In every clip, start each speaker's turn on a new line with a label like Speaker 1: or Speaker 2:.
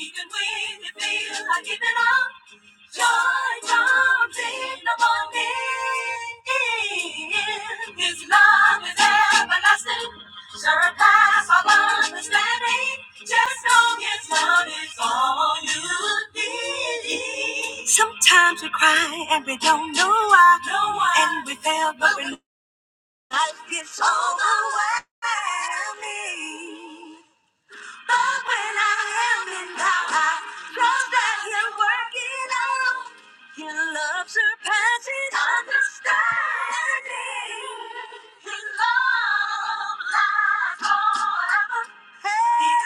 Speaker 1: Even when you feel like giving up, joy comes in abundance. His love is everlasting, surpass all understanding. Just know His love is all you need. Sometimes we cry and we don't know why. Know why. And we fail, but we know Life gets overwhelming. But when I am in doubt, I trust that you're working out. Your love surpasses understanding. Your love lasts forever. Love is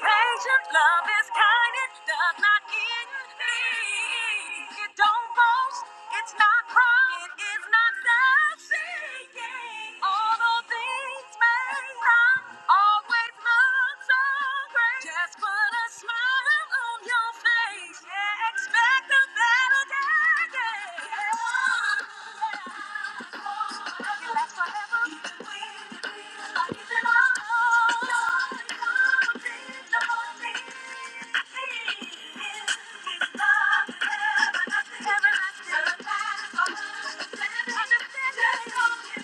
Speaker 1: patient, love is kind, it does not envy. It don't boast, it's not proud, it is not selfish. Although things may not always look so great, just put a smile on your face. Yeah, expect a better day. Yeah. Love you last forever. I'll give it all. Don't need, don't need, don't need. This love is never, nothing ever lasts. Just know, just know, it's all you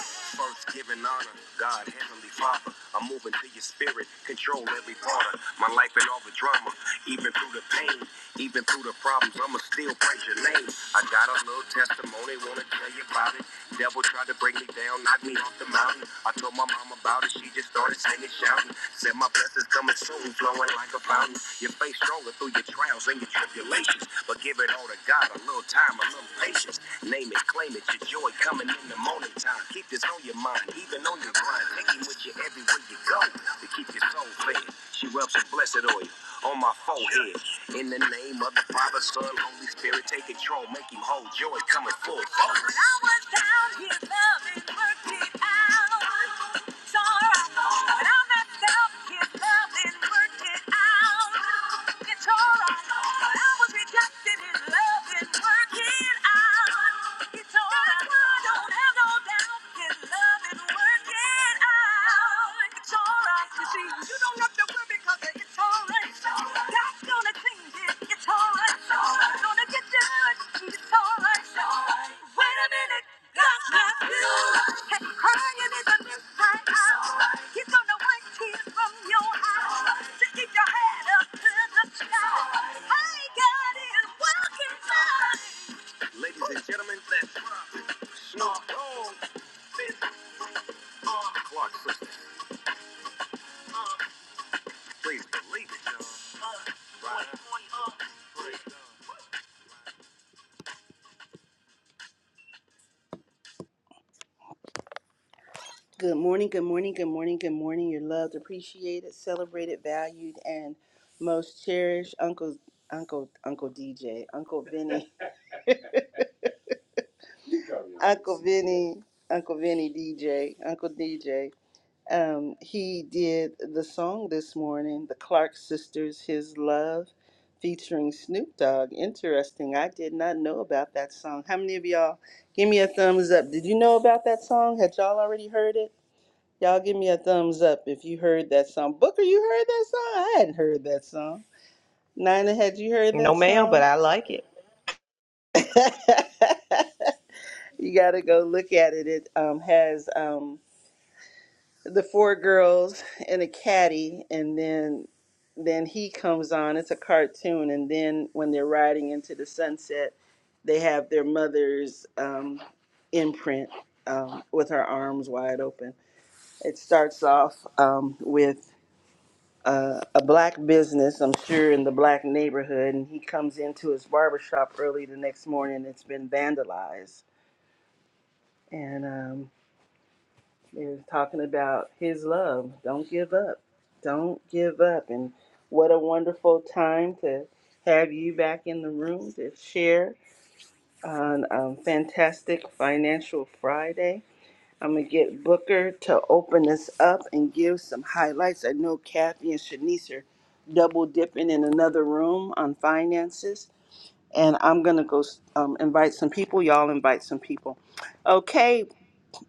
Speaker 1: need. First, giving honor, God, Heavenly Father. I'm moving to your spirit, control every part of my life and all the drama. Even through the pain, even through the problems, I'ma still praise your name. I got a little testimony, wanna tell you about it. Devil tried to bring me down, knock me off the mountain. I told my mom about it, she just started singing, shouting. Said my blessings coming soon, flowing like a fountain. Your faith stronger through your trials and your tribulations. But give it all to God, a little time, a little patience. Name it, claim it, your joy coming even in the morning time. Keep this on your mind, even on your grind. Taking with you everywhere you go to keep your soul clear. She rubs some blessed oil on my forehead. In the name of the Father, Son, Holy Spirit, take control, make him whole. Joy coming full force. When I was down here, love and worked it out. Sorrow. When I messed up, his love and worked it out. It's alright. When I was rejected, his love and worked it out. It's all don't have no doubt. His love is working out. It's all right, you see. You don't have to worry it's all right. God's gonna change it. It's all right. God's gonna get you. It's all right. Wait a minute. God's not through. Hey, crying is a new time He's gonna wipe tears from your eyes. Just keep your head up to the sky. Hey, God is working out. Ladies and gentlemen, let's rock. Snoop Dogg, Fizz, Clark Sisters. Please believe it, y'all. Right. Good morning, good morning, good morning, good morning. You're loved, appreciated, celebrated, valued, and most cherished. Uncle, Uncle, Uncle DJ, Uncle Vinny, Uncle Vinny, Uncle Vinny DJ, Uncle DJ. Um, he did the song this morning, The Clark Sisters, His Love, featuring Snoop Dogg. Interesting. I did not know about that song. How many of y'all give me a thumbs up? Did you know about that song? Had y'all already heard it? Y'all give me a thumbs up if you heard that song. Booker, you heard that song? I hadn't heard that song. Nina, had you heard
Speaker 2: No,
Speaker 1: that
Speaker 2: ma'am, but
Speaker 1: song?
Speaker 2: I like it.
Speaker 1: you got to go look at it. It um, has. Um, the four girls and a caddy and then then he comes on it's a cartoon and then when they're riding into the sunset they have their mother's um, imprint um, with her arms wide open it starts off um, with uh, a black business i'm sure in the black neighborhood and he comes into his barber shop early the next morning it's been vandalized and um, They're talking about his love. Don't give up. Don't give up. And what a wonderful time to have you back in the room to share on um, Fantastic Financial Friday. I'm going to get Booker to open us up and give some highlights. I know Kathy and Shanice are double dipping in another room on finances. And I'm going to go um, invite some people. Y'all invite some people. Okay,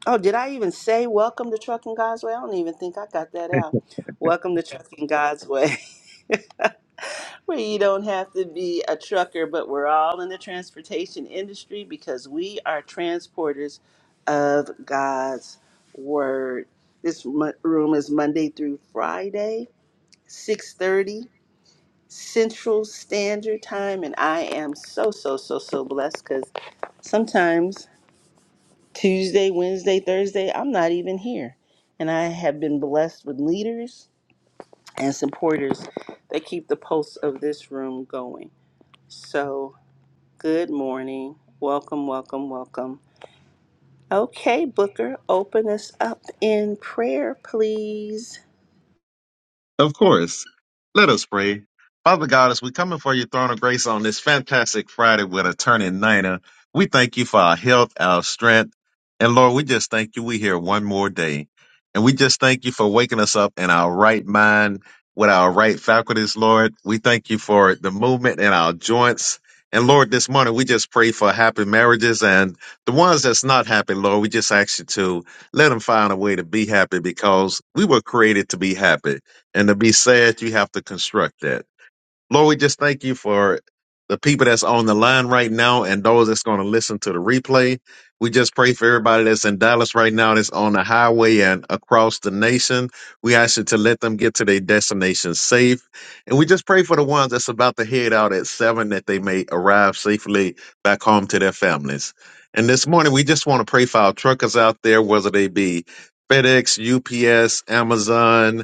Speaker 1: Oh, did I even say welcome to Trucking God's Way? I don't even think I got that out. Welcome to Trucking God's Way, where you don't have to be a trucker, but we're all in the transportation industry because we are transporters of God's Word. This mo- room is Monday through Friday, 6.30 Central Standard Time, and I am so, so, so, so blessed because sometimes Tuesday, Wednesday, Thursday, I'm not even here. And I have been blessed with leaders and supporters that keep the pulse of this room going. So, good morning. Welcome, welcome, welcome. Okay, Booker, open us up in prayer, please.
Speaker 3: Of course. Let us pray. Father God, as we come before your throne of grace on this fantastic Friday with a turning niner, we thank you for our health, our strength. And Lord, we just thank you. We here one more day. And we just thank you for waking us up in our right mind with our right faculties, Lord. We thank you for the movement in our joints. And Lord, this morning we just pray for happy marriages and the ones that's not happy, Lord, we just ask you to let them find a way to be happy because we were created to be happy. And to be sad, you have to construct that. Lord, we just thank you for the people that's on the line right now and those that's going to listen to the replay. We just pray for everybody that's in Dallas right now, that's on the highway and across the nation. We ask you to let them get to their destination safe. And we just pray for the ones that's about to head out at seven that they may arrive safely back home to their families. And this morning, we just want to pray for our truckers out there, whether they be FedEx, UPS, Amazon,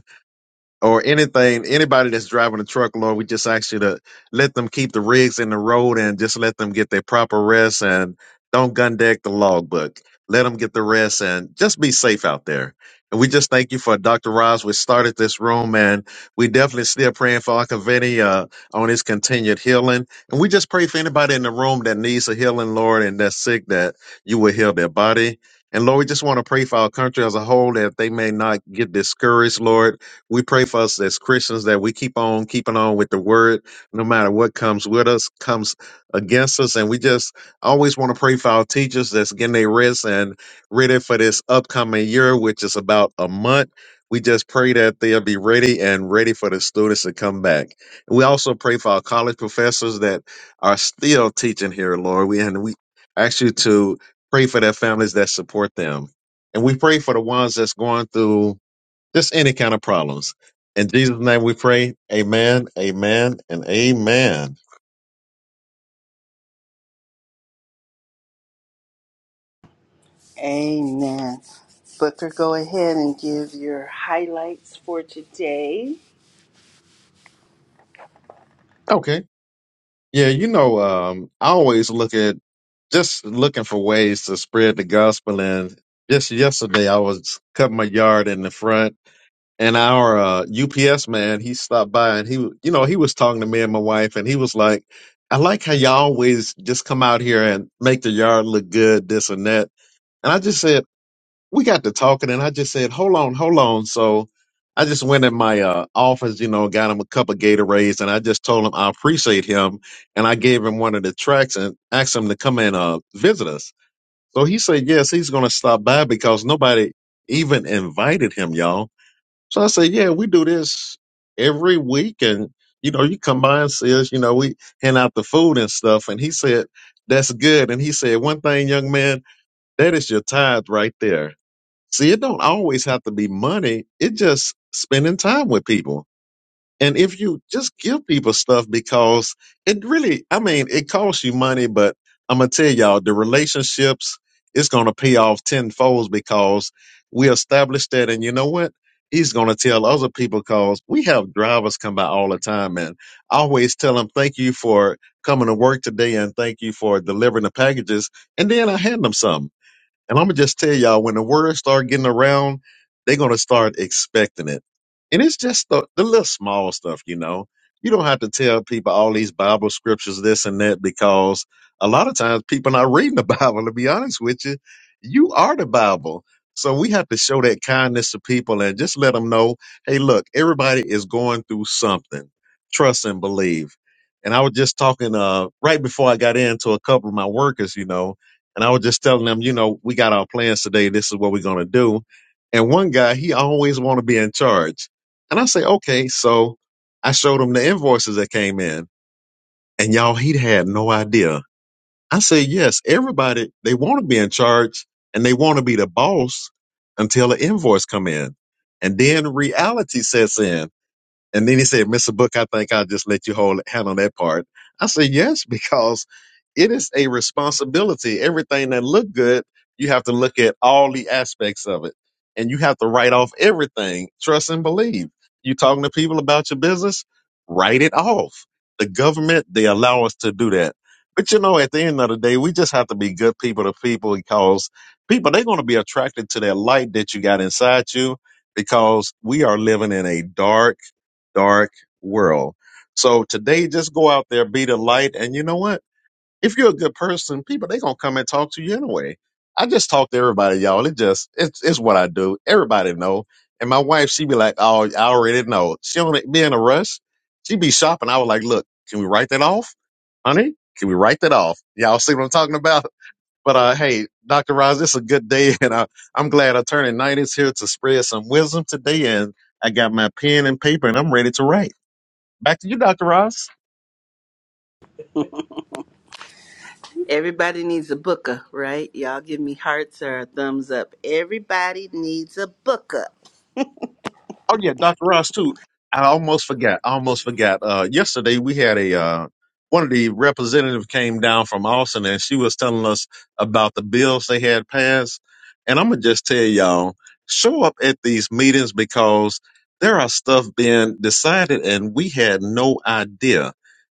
Speaker 3: or anything, anybody that's driving a truck, Lord, we just ask you to let them keep the rigs in the road and just let them get their proper rest and don't gun deck the logbook. Let them get the rest and just be safe out there. And we just thank you for Dr. Ross. We started this room and we definitely still praying for Uncle Vinny, uh, on his continued healing. And we just pray for anybody in the room that needs a healing, Lord, and that's sick that you will heal their body. And Lord, we just want to pray for our country as a whole that they may not get discouraged, Lord we pray for us as Christians that we keep on keeping on with the word, no matter what comes with us, comes against us. And we just always want to pray for our teachers that's getting their rest and ready for this upcoming year, which is about a month. We just pray that they'll be ready and ready for the students to come back. We also pray for our college professors that are still teaching here, Lord. We and we ask you to pray for their families that support them. And we pray for the ones that's going through just any kind of problems. In Jesus' name we pray. Amen, amen, and amen.
Speaker 1: Amen. Booker, go ahead and give your highlights for today.
Speaker 3: Okay. Yeah, you know, um, I always look at just looking for ways to spread the gospel. And just yesterday, I was cutting my yard in the front, and our uh, UPS man he stopped by, and he, w- you know, he was talking to me and my wife, and he was like, "I like how y'all always just come out here and make the yard look good, this and that." And I just said, we got to talking and I just said, hold on, hold on. So I just went in my uh, office, you know, got him a cup of Gatorades and I just told him I appreciate him. And I gave him one of the tracks and asked him to come and uh, visit us. So he said, yes, he's going to stop by because nobody even invited him, y'all. So I said, yeah, we do this every week. And, you know, you come by and see us, you know, we hand out the food and stuff. And he said, that's good. And he said, one thing, young man, that is your tithe right there. See, it don't always have to be money. It just spending time with people. And if you just give people stuff because it really, I mean, it costs you money, but I'm gonna tell y'all the relationships it's gonna pay off tenfold because we established that. And you know what? He's gonna tell other people because we have drivers come by all the time, and I always tell them thank you for coming to work today and thank you for delivering the packages. And then I hand them something. And I'm gonna just tell y'all when the word start getting around, they're gonna start expecting it. And it's just the, the little small stuff, you know. You don't have to tell people all these Bible scriptures, this and that, because a lot of times people not reading the Bible. To be honest with you, you are the Bible. So we have to show that kindness to people and just let them know, hey, look, everybody is going through something. Trust and believe. And I was just talking uh, right before I got into a couple of my workers, you know, and I was just telling them, you know, we got our plans today. This is what we're going to do. And one guy, he always want to be in charge. And I say, okay. So I showed him the invoices that came in and y'all, he had no idea. I say, yes, everybody, they want to be in charge and they want to be the boss until the invoice come in. And then reality sets in and then he said, Mr. Book, I think I'll just let you hold handle that part. I said, yes, because it is a responsibility. Everything that look good, you have to look at all the aspects of it and you have to write off everything. Trust and believe. You talking to people about your business, write it off. The government, they allow us to do that. But you know, at the end of the day, we just have to be good people to people because people, they're going to be attracted to that light that you got inside you because we are living in a dark, dark world. So today, just go out there, be the light. And you know what? If you're a good person, people they gonna come and talk to you anyway. I just talk to everybody, y'all. It just it's it's what I do. Everybody know. And my wife, she be like, "Oh, I already know." She don't be in a rush. She be shopping. I was like, "Look, can we write that off, honey? Can we write that off?" Y'all see what I'm talking about? But uh, hey, Doctor Roz, it's a good day, and I, I'm glad I turned 90s here to spread some wisdom today. And I got my pen and paper, and I'm ready to write. Back to you, Dr. Ross.
Speaker 1: Everybody needs a booker, right? Y'all give me hearts or a thumbs up. Everybody needs a booker.
Speaker 3: Oh yeah, Dr. Ross too. I almost forgot. I almost forgot. Uh, yesterday we had a uh, one of the representatives came down from Austin and she was telling us about the bills they had passed. And I'm gonna just tell y'all, show up at these meetings because there are stuff being decided and we had no idea.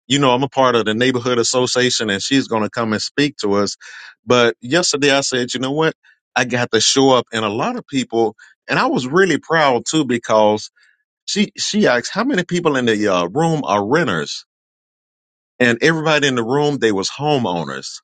Speaker 3: you know, I'm a part of the neighborhood association and she's going to come and speak to us. But yesterday I said, you know what? I got to show up and a lot of people, and I was really proud too because she, she asked how many people in the uh, room are renters? and everybody in the room they was homeowners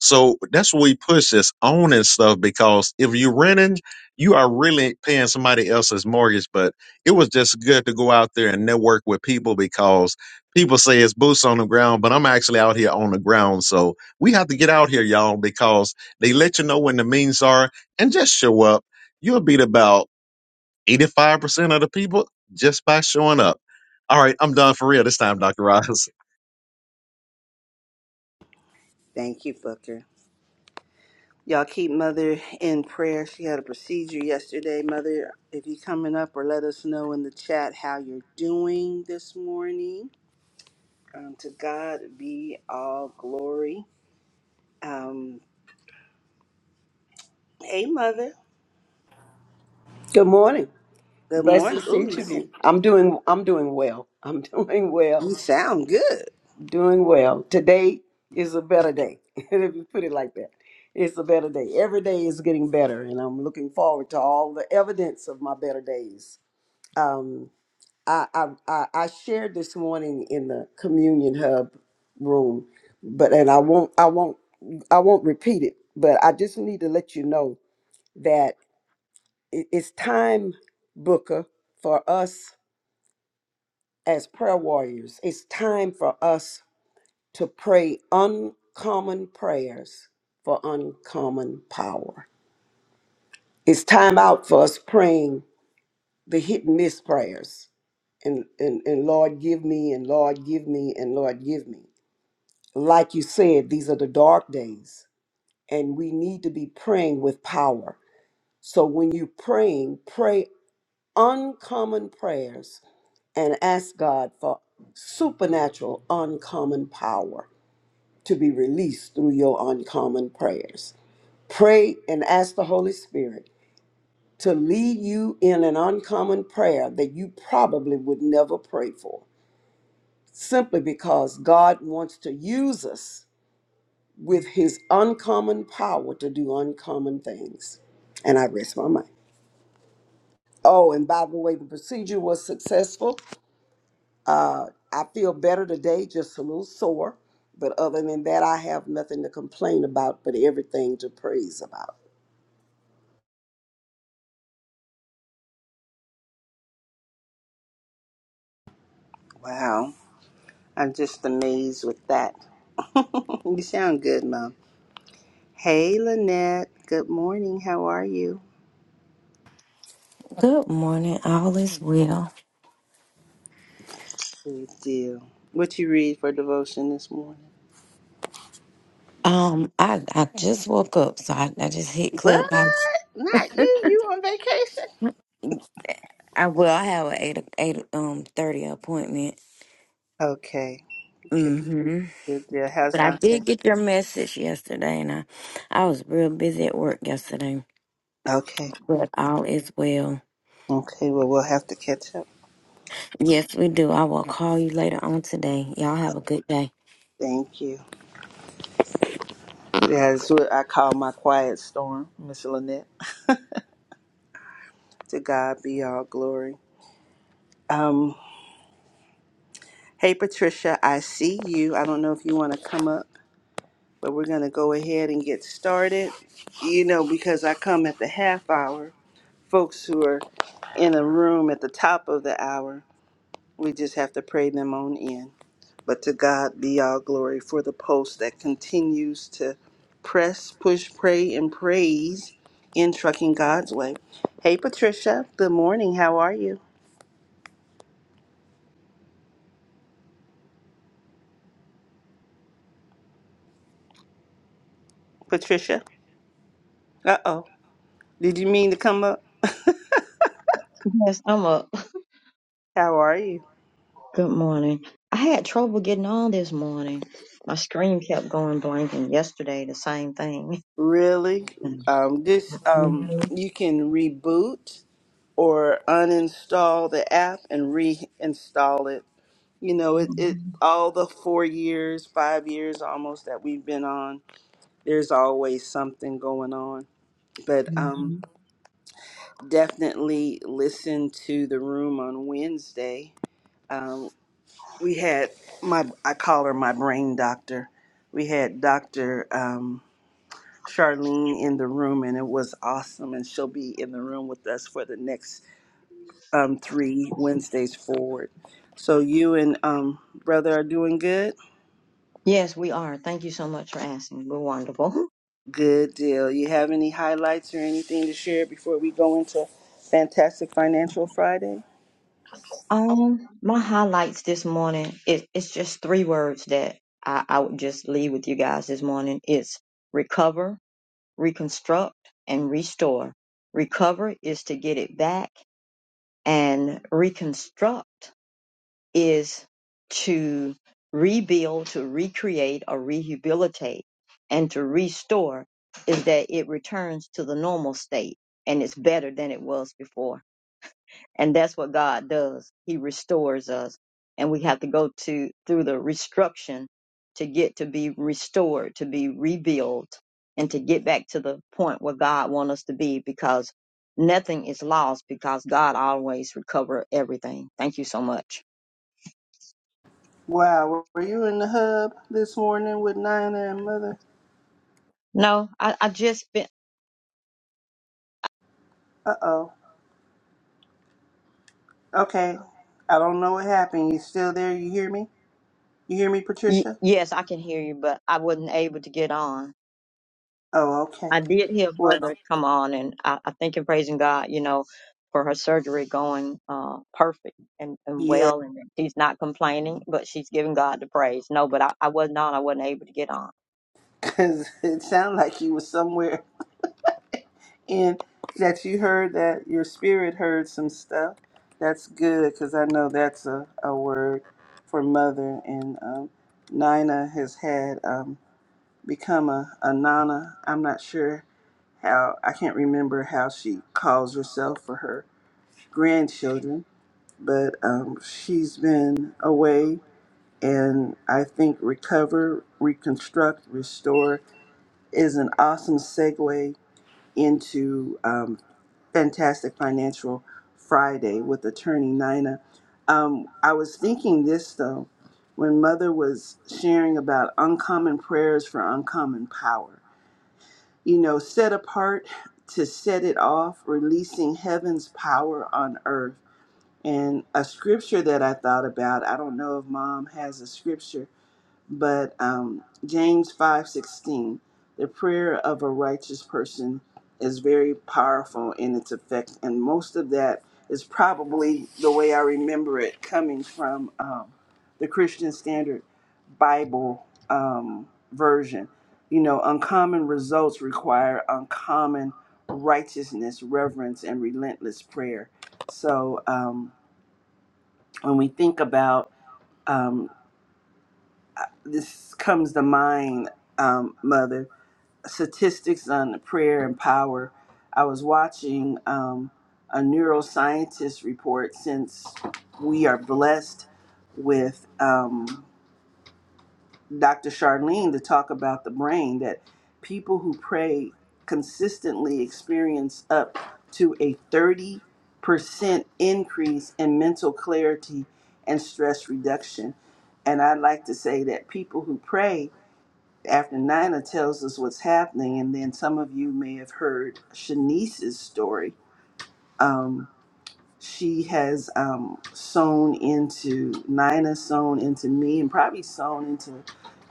Speaker 3: so that's what we push this owning stuff because if you're renting you are really paying somebody else's mortgage but it was just good to go out there and network with people because people say it's boots on the ground but i'm actually out here on the ground so we have to get out here y'all because they let you know when the means are and just show up you'll beat about 85% of the people just by showing up all right i'm done for real this time dr ross
Speaker 1: Thank you, Booker. Y'all keep Mother in prayer. She had a procedure yesterday. Mother, if you coming up or let us know in the chat how you're doing this morning. Um, to God be all glory. Um, hey, Mother.
Speaker 4: Good morning.
Speaker 1: Good morning.
Speaker 4: Blessings to
Speaker 1: Ooh,
Speaker 4: each
Speaker 1: you
Speaker 4: of
Speaker 1: sa-
Speaker 4: you. I'm doing I'm doing well. I'm doing well.
Speaker 1: you sound good.
Speaker 4: Doing well. Today is a better day. if you put it like that. It's a better day. Every day is getting better and I'm looking forward to all the evidence of my better days. Um I I I, I shared this morning in the communion hub room, but and I won't I won't I won't repeat it, but I just need to let you know that it, it's time, Booker, for us as prayer warriors, it's time for us to pray uncommon prayers for uncommon power. It's time out for us praying the hit and miss prayers and, and, and Lord, give me, and Lord, give me, and Lord, give me. Like you said, these are the dark days, and we need to be praying with power. So when you're praying, pray uncommon prayers and ask God for supernatural, uncommon power. to be released through your uncommon prayers. Pray and ask the Holy Spirit to lead you in an uncommon prayer that you probably would never pray for, simply because God wants to use us with his uncommon power to do uncommon things. And I rest my mind. Oh, and by the way, the procedure was successful. Uh, I feel better today, just a little sore. But other than that, I have nothing to complain about, but everything to praise about.
Speaker 1: Wow. I'm just amazed with that. you sound good, Mom. Hey, Lynette. Good morning. How are you?
Speaker 5: Good morning. All is well.
Speaker 1: Good deal. What you read for devotion this morning?
Speaker 5: Um, I I just woke up, so I, I just hit
Speaker 1: What?
Speaker 5: clubhouse.
Speaker 1: Not you? You on vacation?
Speaker 5: I will. I have a eight eight um thirty appointment.
Speaker 1: Okay. Good,
Speaker 5: Mm-hmm.
Speaker 1: good deal. How's
Speaker 5: But I
Speaker 1: Dante?
Speaker 5: did get your message yesterday, and I I was real busy at work yesterday.
Speaker 1: Okay.
Speaker 5: But all is well.
Speaker 1: Okay. Well, we'll have to catch up.
Speaker 5: Yes, we do. I will call you later on today. Y'all have a good day.
Speaker 1: Thank you. Yeah, that's what I call my quiet storm, Miss Lynette. To God be all glory. Um, hey, Patricia, I see you. I don't know if you want to come up, but we're going to go ahead and get started. You know, because I come at the half hour, folks who are in a room at the top of the hour We just have to pray them on in. But to God be all glory for the post that continues to press, push, pray, and praise in trucking God's way. Hey, Patricia. Good morning. How are you? Patricia? Uh oh. Did you mean to come up?
Speaker 6: Yes, I'm up.
Speaker 1: How are you?
Speaker 6: Good morning. I had trouble getting on this morning. My screen kept going blank, and yesterday the same thing.
Speaker 1: Really?
Speaker 6: Mhm,
Speaker 1: Um, this um,
Speaker 6: mhm,
Speaker 1: you can reboot or uninstall the app and reinstall it. You know, it, it all the four years, five years almost that we've been on, there's always something going on. But um,
Speaker 6: mhm.
Speaker 1: definitely listen to the room on Wednesday. Um, we had my I call her my brain doctor. We had Doctor. um, Charlene in the room, and it was awesome. And she'll be in the room with us for the next um, three Wednesdays forward. So you and um, brother are doing good.
Speaker 6: Yes, we are. Thank you so much for asking. We're wonderful.
Speaker 1: Good deal. You have any highlights or anything to share before we go into Fantastic Financial Friday?
Speaker 6: Um, my highlights this morning, it, it's just three words that I, I would just leave with you guys this morning. It's recover, reconstruct, and restore. Recover is to get it back and reconstruct is to rebuild, to recreate, or rehabilitate, and to restore is that it returns to the normal state and it's better than it was before. And that's what God does. He restores us. And we have to go to through the restruction to get to be restored, to be rebuilt, and to get back to the point where God wants us to be because nothing is lost because God always recover everything. Thank you so much.
Speaker 1: Wow, were you in the hub this morning with Nina and Mother?
Speaker 6: No, I, I just been.
Speaker 1: Uh oh. Okay. I don't know what happened. You still there? You hear me? You hear me,
Speaker 6: Y-
Speaker 1: Patricia?
Speaker 6: yes, I can hear you, but I wasn't able to get on.
Speaker 1: Oh, okay.
Speaker 6: I did hear
Speaker 1: Well,
Speaker 6: mother come on, and I, I think and praising God, you know, for her surgery going uh, perfect and, and
Speaker 1: yes.
Speaker 6: well, and that she's not complaining, but she's giving God the praise. No, but I, I wasn't on. I wasn't able to get on.
Speaker 1: Because it sounded like you was somewhere and that you heard that your spirit heard some stuff. That's good because I know that's a, a word for mother. And um, Nina has had um, become a, a Nana. I'm not sure how, I can't remember how she calls herself for her grandchildren, but um, she's been away and I think recover, reconstruct, restore is an awesome segue into um, Fantastic Financial Friday with attorney Nina. Um, I was thinking this though, when Mother was sharing about uncommon prayers for uncommon power, you know, set apart to set it off, releasing heaven's power on earth. And a scripture that I thought about, I don't know if mom has a scripture, but um, James five sixteen, the prayer of a righteous person is very powerful in its effect, and most of that is probably the way I remember it coming from um, the Christian Standard Bible um, version. You know, uncommon results require uncommon righteousness, reverence, and relentless prayer. So um, when we think about um, this comes to mind, um, Mother. Statistics on prayer and power. I was watching um, a neuroscientist report since we are blessed with um, Dr. Charlene to talk about the brain, that people who pray consistently experience up to a 30% increase in mental clarity and stress reduction. And I'd like to say that people who pray after Nina tells us what's happening, and then some of you may have heard Shanice's story. Um, She has um, sewn into Nina, sewn into me, and probably sewn into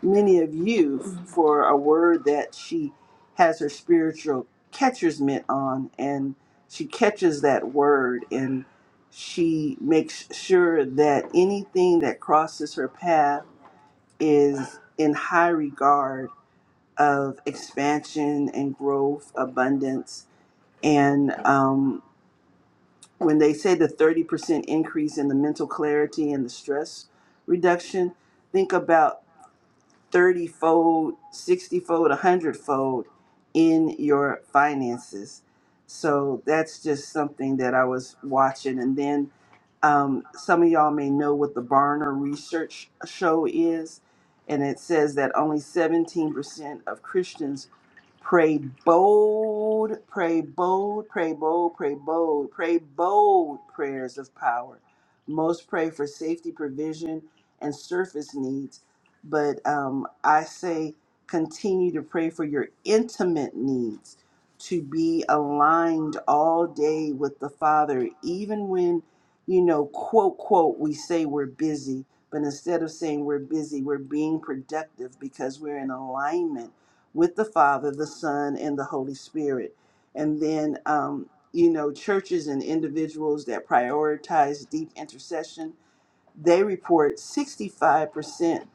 Speaker 1: many of you f- for a word that she has her spiritual catcher's mitt on, and she catches that word and she makes sure that anything that crosses her path is in high regard of expansion and growth, abundance. And um, when they say the 30% increase in the mental clarity and the stress reduction, think about 30 fold, 60 fold, 100 fold in your finances. So that's just something that I was watching. And then um, some of y'all may know what the Barner Research Show is. And it says that only 17% of Christians pray bold, pray bold, pray bold, pray bold, pray bold prayers of power. Most pray for safety, provision, and surface needs but um, I say continue to pray for your intimate needs to be aligned all day with the Father, even when, you know, quote, quote, we say we're busy. But instead of saying we're busy, we're being productive because we're in alignment with the Father, the Son, and the Holy Spirit. And then, um, you know, churches and individuals that prioritize deep intercession they report 65%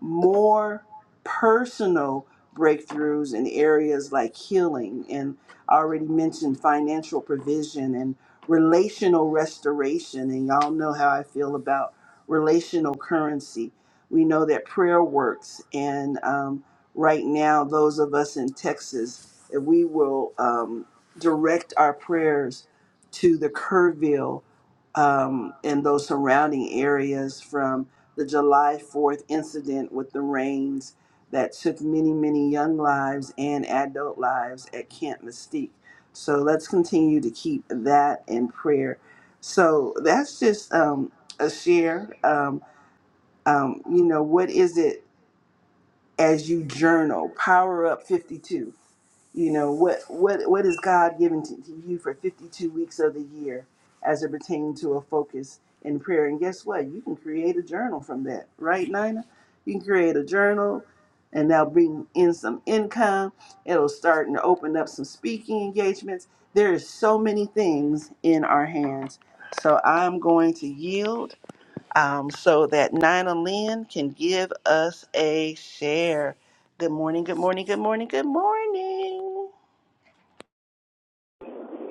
Speaker 1: more personal breakthroughs in areas like healing and I already mentioned financial provision and relational restoration and y'all know how I feel about relational currency. We know that prayer works and um, right now those of us in Texas, if we will um, direct our prayers to the Kerrville um, in those surrounding areas from the July 4th incident with the rains that took many, many young lives and adult lives at Camp Mystique. So let's continue to keep that in prayer. So that's just um, a share. Um, um, you know, what is it as you journal? Power Up 52 you know what what what is god giving to, to you for 52 weeks of the year as it pertains to a focus in prayer and guess what you can create a journal from that right nina you can create a journal and now bring in some income it'll start and open up some speaking engagements there is so many things in our hands so i'm going to yield um, so that nina lynn can give us a share good morning good morning good morning good morning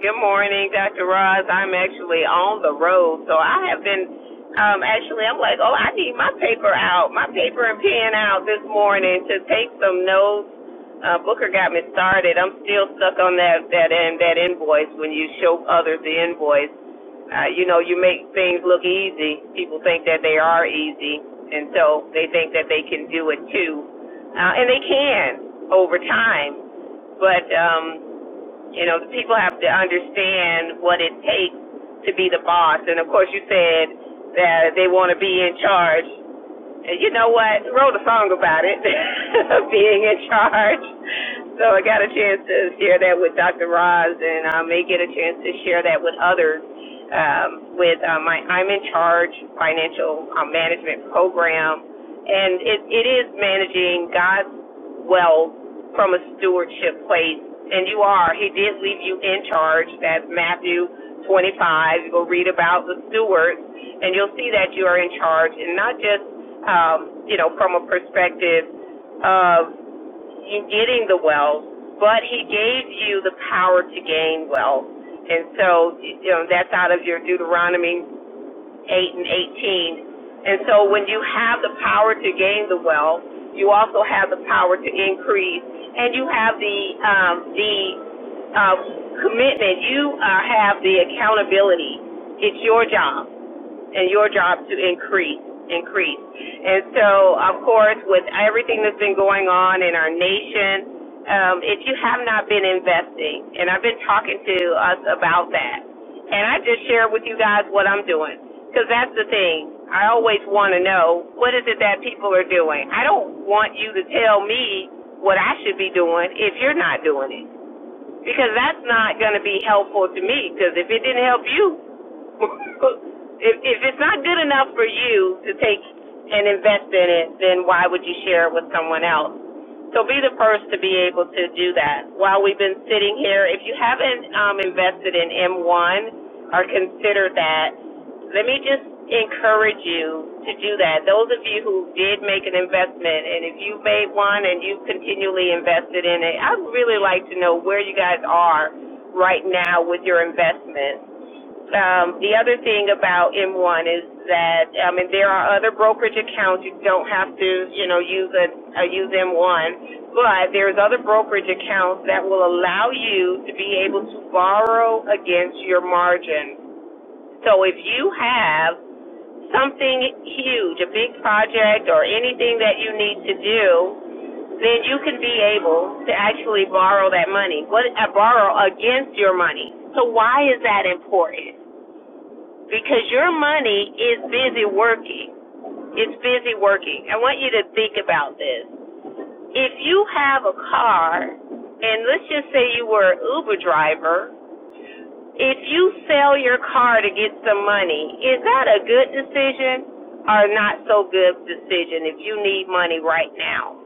Speaker 2: Good morning, Dr. Roz. I'm actually on the road, so I have been um actually I'm like, "Oh, I need my paper out, my paper and pen out this morning to take some notes." Uh Booker got me started. I'm still stuck on that that in, that invoice when you show others the invoice. Uh you know, you make things look easy. People think that they are easy, and so they think that they can do it too. Uh and they can over time. But um You know, the people have to understand what it takes to be the boss. And of course, you said that they want to be in charge you know what? Wrote a song about it, being in charge. So I got a chance to share that with Dr. Roz, and I may get a chance to share that with others. Um, with uh, my I'm in charge financial uh, management program, and it, it is managing God's wealth from a stewardship place. And you are. He did leave you in charge. That's Matthew 25. You go read about the stewards, and you'll see that you are in charge, and not just um, you know, from a perspective of you getting the wealth, but he gave you the power to gain wealth. And so, you know, that's out of your Deuteronomy 8 and 18. And so when you have the power to gain the wealth, you also have the power to increase and you have the, um, the, uh, commitment. You uh, have the accountability. It's your job and your job to increase, increase. And so, of course, with everything that's been going on in our nation, um, if you have not been investing, and I've been talking to us about that, and I just share with you guys what I'm doing, because that's the thing. I always want to know what is it that people are doing. I don't want you to tell me what I should be doing if you're not doing it. Because that's not going to be helpful to me. Because if it didn't help you, if, if it's not good enough for you to take and invest in it, then why would you share it with someone else? So be the first to be able to do that. While we've been sitting here, if you haven't um, invested in M1 or consider that, let me just encourage you to do that. Those of you who did make an investment, and if you made one and you continually invested in it, I'd really like to know where you guys are right now with your investments um, the other thing about M1 is that I mean there are other brokerage accounts. You don't have to you know use a, a use M1, but there's other brokerage accounts that will allow you to be able to borrow against your margin. So if you have something huge, a big project, or anything that you need to do, then you can be able to actually borrow that money. What uh, borrow against your money? So why is that important? because your money is busy working. It's busy working. I want you to think about this. If you have a car, and let's just say you were an Uber driver, if you sell your car to get some money, is that a good decision or not so good decision if you need money right now?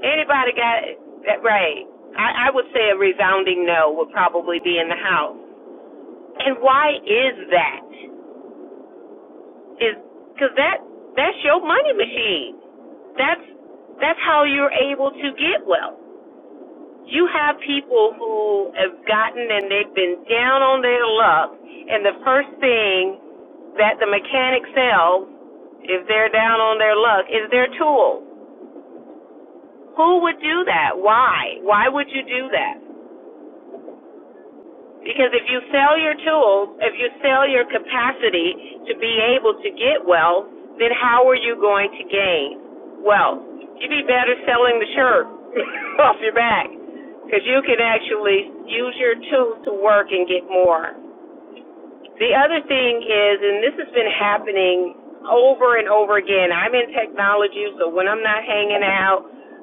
Speaker 2: Anybody got that right? I, I would say a resounding no would probably be in the house. And why is that? is because that that's your money machine. That's that's how you're able to get wealth. You have people who have gotten and they've been down on their luck, and the first thing that the mechanic sells, if they're down on their luck, is their tool. Who would do that? Why? Why would you do that? Because if you sell your tools, if you sell your capacity to be able to get wealth, then how are you going to gain wealth? You'd be better selling the shirt off your back because you can actually use your tools to work and get more. The other thing is, and this has been happening over and over again, I'm in technology, so when I'm not hanging out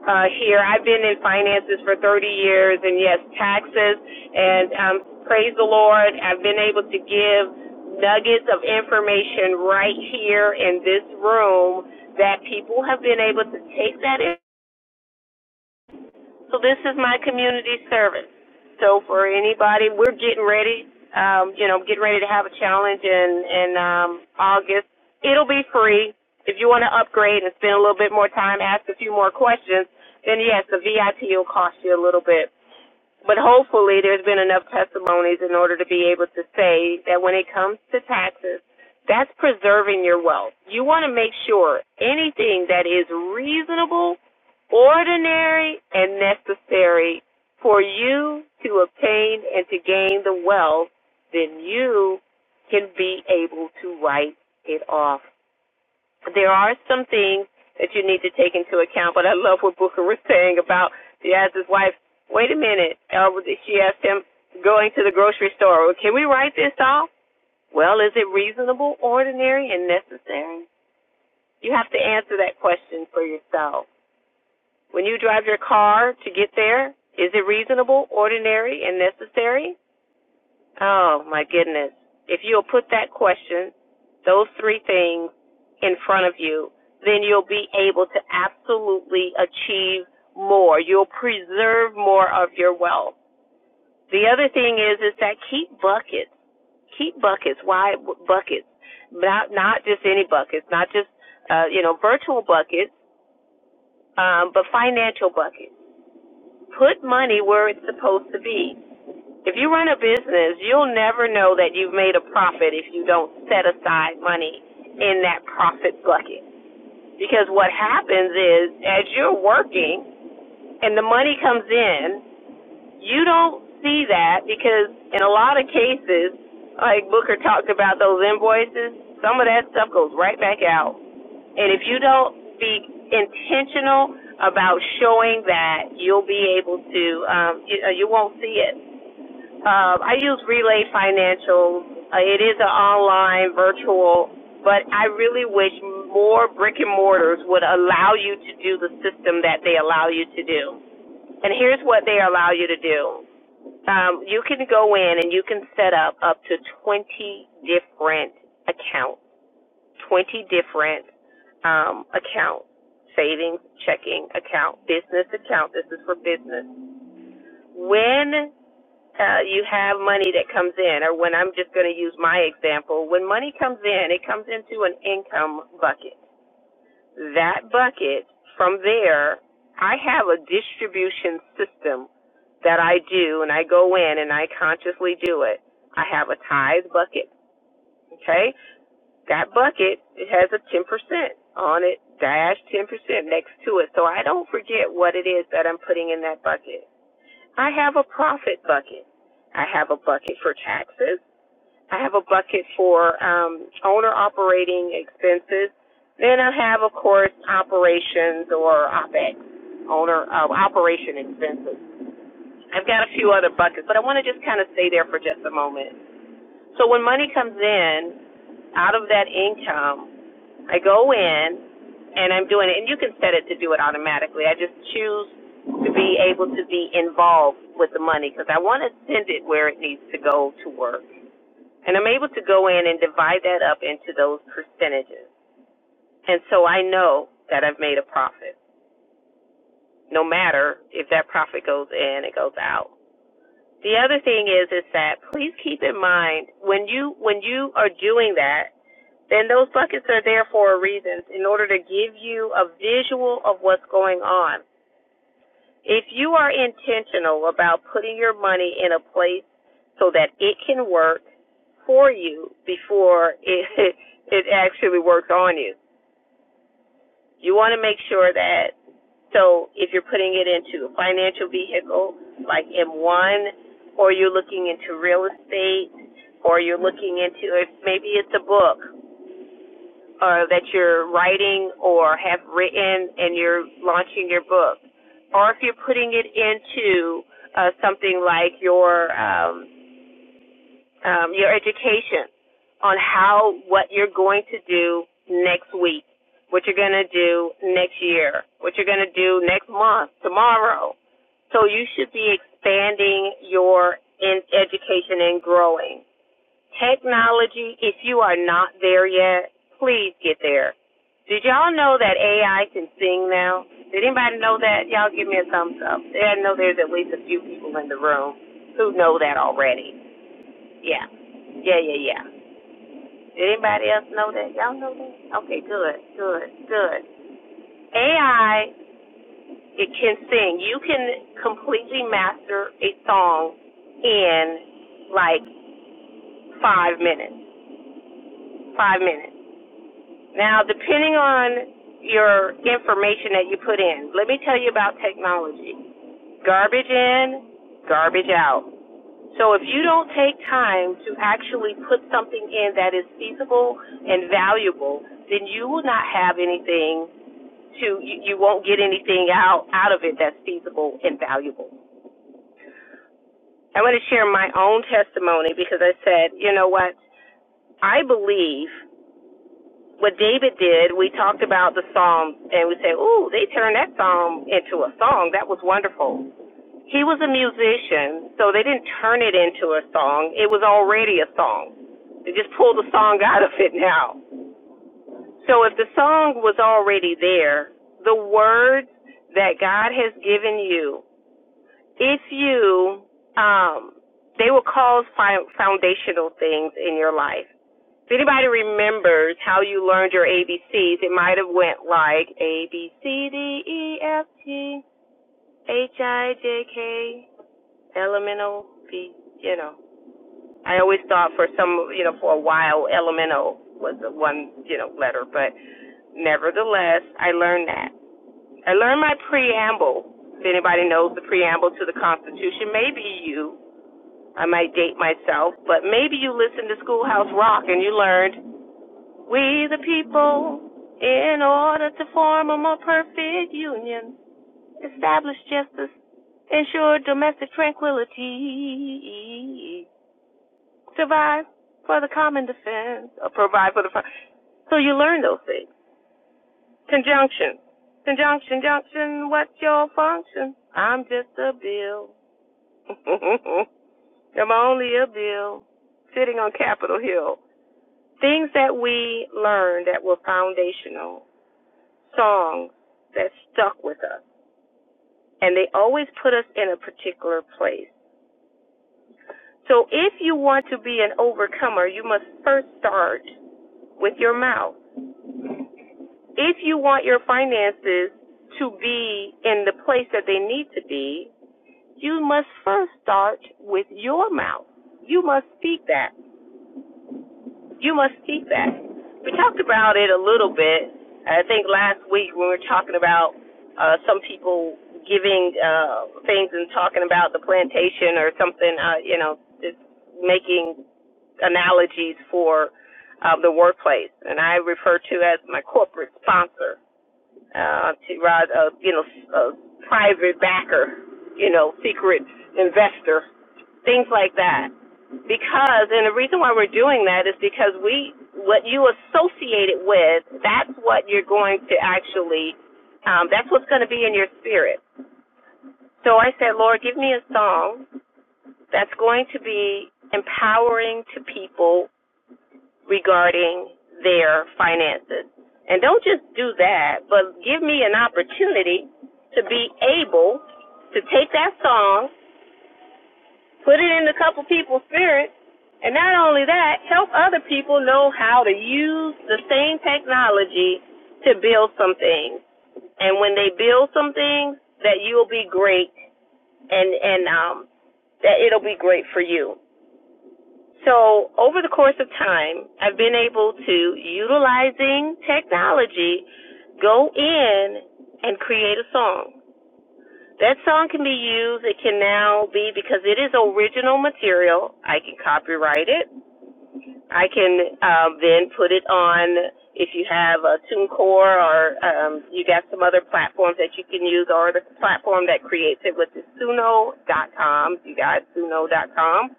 Speaker 2: uh, here, I've been in finances for 30 years, and yes, taxes, and um, praise the Lord, I've been able to give nuggets of information right here in this room that people have been able to take that information so this is my community service. So for anybody, we're getting ready, um, you know, getting ready to have a challenge in in um, August. It'll be free. If you want to upgrade and spend a little bit more time, ask a few more questions, then yes, the VIP will cost you a little bit. But hopefully there's been enough testimonies in order to be able to say that when it comes to taxes, that's preserving your wealth. You want to make sure anything that is reasonable, ordinary, and necessary for you to obtain and to gain the wealth, then you can be able to write it off there are some things that you need to take into account. But I love what Booker was saying about he asked his wife, "Wait a minute," uh, she asked him going to the grocery store. Can we write this off? Well, is it reasonable, ordinary, and necessary? You have to answer that question for yourself. When you drive your car to get there, is it reasonable, ordinary, and necessary? Oh my goodness. If you'll put that question, those three things in front of you, then you'll be able to absolutely achieve more. You'll preserve more of your wealth. The other thing is is that keep buckets. Keep buckets. Why bu- buckets? Not not just any buckets, not just uh, you know virtual buckets, um, but financial buckets. Put money where it's supposed to be. If you run a business, you'll never know that you've made a profit if you don't set aside money in that profit bucket. Because what happens is, as you're working and the money comes in, you don't see that because in a lot of cases, like Booker talked about those invoices, some of that stuff goes right back out. And if you don't be intentional about showing that, you'll be able to, um, you, uh, you won't see it. Uh, I use Relay Financial. Uh, it is an online virtual, but I really wish more brick and mortars would allow you to do the system that they allow you to do. And here's what they allow you to do. Um, you can go in and you can set up up to 20 different accounts, 20 different um, accounts, savings, checking account, business account. This is for business. When uh, you have money that comes in, or when I'm just going to use my example, when money comes in, it comes into an income bucket. That bucket, from there, I have a distribution system that I do, and I go in and I consciously do it. I have a tithe bucket, okay? That bucket, it has a 10% on it, dash 10% next to it, so I don't forget what it is that I'm putting in that bucket. I have a profit bucket. I have a bucket for taxes. I have a bucket for um, owner operating expenses. Then I have, of course, operations or OPEX, owner uh, operation expenses. I've got a few other buckets, but I want to just kind of stay there for just a moment. So when money comes in, out of that income, I go in and I'm doing it, and you can set it to do it automatically. I just choose to be able to be involved with the money because I want to send it where it needs to go to work. And I'm able to go in and divide that up into those percentages. And so I know that I've made a profit, no matter if that profit goes in, it goes out. The other thing is is that please keep in mind when you when you are doing that Then those buckets are there for a reason, in order to give you a visual of what's going on. If you are intentional about putting your money in a place so that it can work for you before it it actually works on you, you want to make sure that. So if you're putting it into a financial vehicle like M1, or you're looking into real estate, or you're looking into if maybe it's a book or that you're writing or have written and you're launching your book, or if you're putting it into uh, something like your um, um, your education on how what you're going to do next week, what you're going to do next year, what you're going to do next month, tomorrow. So you should be expanding your in education and growing. Technology, if you are not there yet, please get there. Did y'all know that AI can sing now? Did anybody know that? Y'all give me a thumbs up. Yeah, I know there's at least a few people in the room who know that already. Yeah. Yeah, yeah, yeah. Did anybody else know that? Y'all know that? Okay, good, good, good. AI, it can sing. You can completely master a song in like five minutes. Five minutes. Now, depending on your information that you put in, let me tell you about technology garbage in, garbage out. So if you don't take time to actually put something in that is feasible and valuable, then you will not have anything to, you, won't get anything out, out of it that's feasible and valuable. I want to share my own testimony because I said, you know what? I believe what David did, we talked about the psalm and we said, ooh, they turned that psalm into a song. That was wonderful. He was a musician, so they didn't turn it into a song. It was already a song. They just pulled the song out of it now. So if the song was already there, the words that God has given you, if you, um, they will cause foundational things in your life if anybody remembers how you learned your ABCs, it might have went like A B C D E F G H I J K A B C D E F G H I J K L M N O P. You know, I always thought for some, you know, for a while Elemental was the one, you know, letter. But nevertheless, I learned that. I learned my preamble. If anybody knows the preamble to the Constitution, maybe you. I might date myself, but maybe you listened to Schoolhouse Rock and you learned We the people, in order to form a more perfect union, establish justice, ensure domestic tranquility, survive for the common defense, or provide for the. So you learn those things. Conjunction. Conjunction, junction, what's your function? I'm just a bill. I'm only a bill sitting on Capitol Hill. Things that we learn that were foundational songs that stuck with us, and they always put us in a particular place. So if you want to be an overcomer, you must first start with your mouth. If you want your finances to be in the place that they need to be, you must first start with your mouth. You must speak that. You must keep that. We talked about it a little bit. I think last week we were talking about uh, some people giving uh, things and talking about the plantation or something. Uh, you know, just making analogies for uh, the workplace, and I refer to as my corporate sponsor uh, to Rod, uh, you know, s- uh, private backer, you know, secret investor things like that. Because, and the reason why we're doing that is because we, what you associate it with, that's what you're going to actually, um, that's what's going to be in your spirit. So I said, Lord, give me a song that's going to be empowering to people regarding their finances. And don't just do that, but give me an opportunity to be able to take that song put it in a couple people's spirits, and not only that, help other people know how to use the same technology to build some things. And when they build some things, that you'll be great, and and um, that it'll be great for you. So over the course of time, I've been able to utilizing technology, go in and create a song. That song can be used. It can now be because it is original material. I can copyright it. I can um, then put it on if you have a TuneCore or um, you got some other platforms that you can use or the platform that creates it, which is Suno dot com. You guys, Suno Suno.com.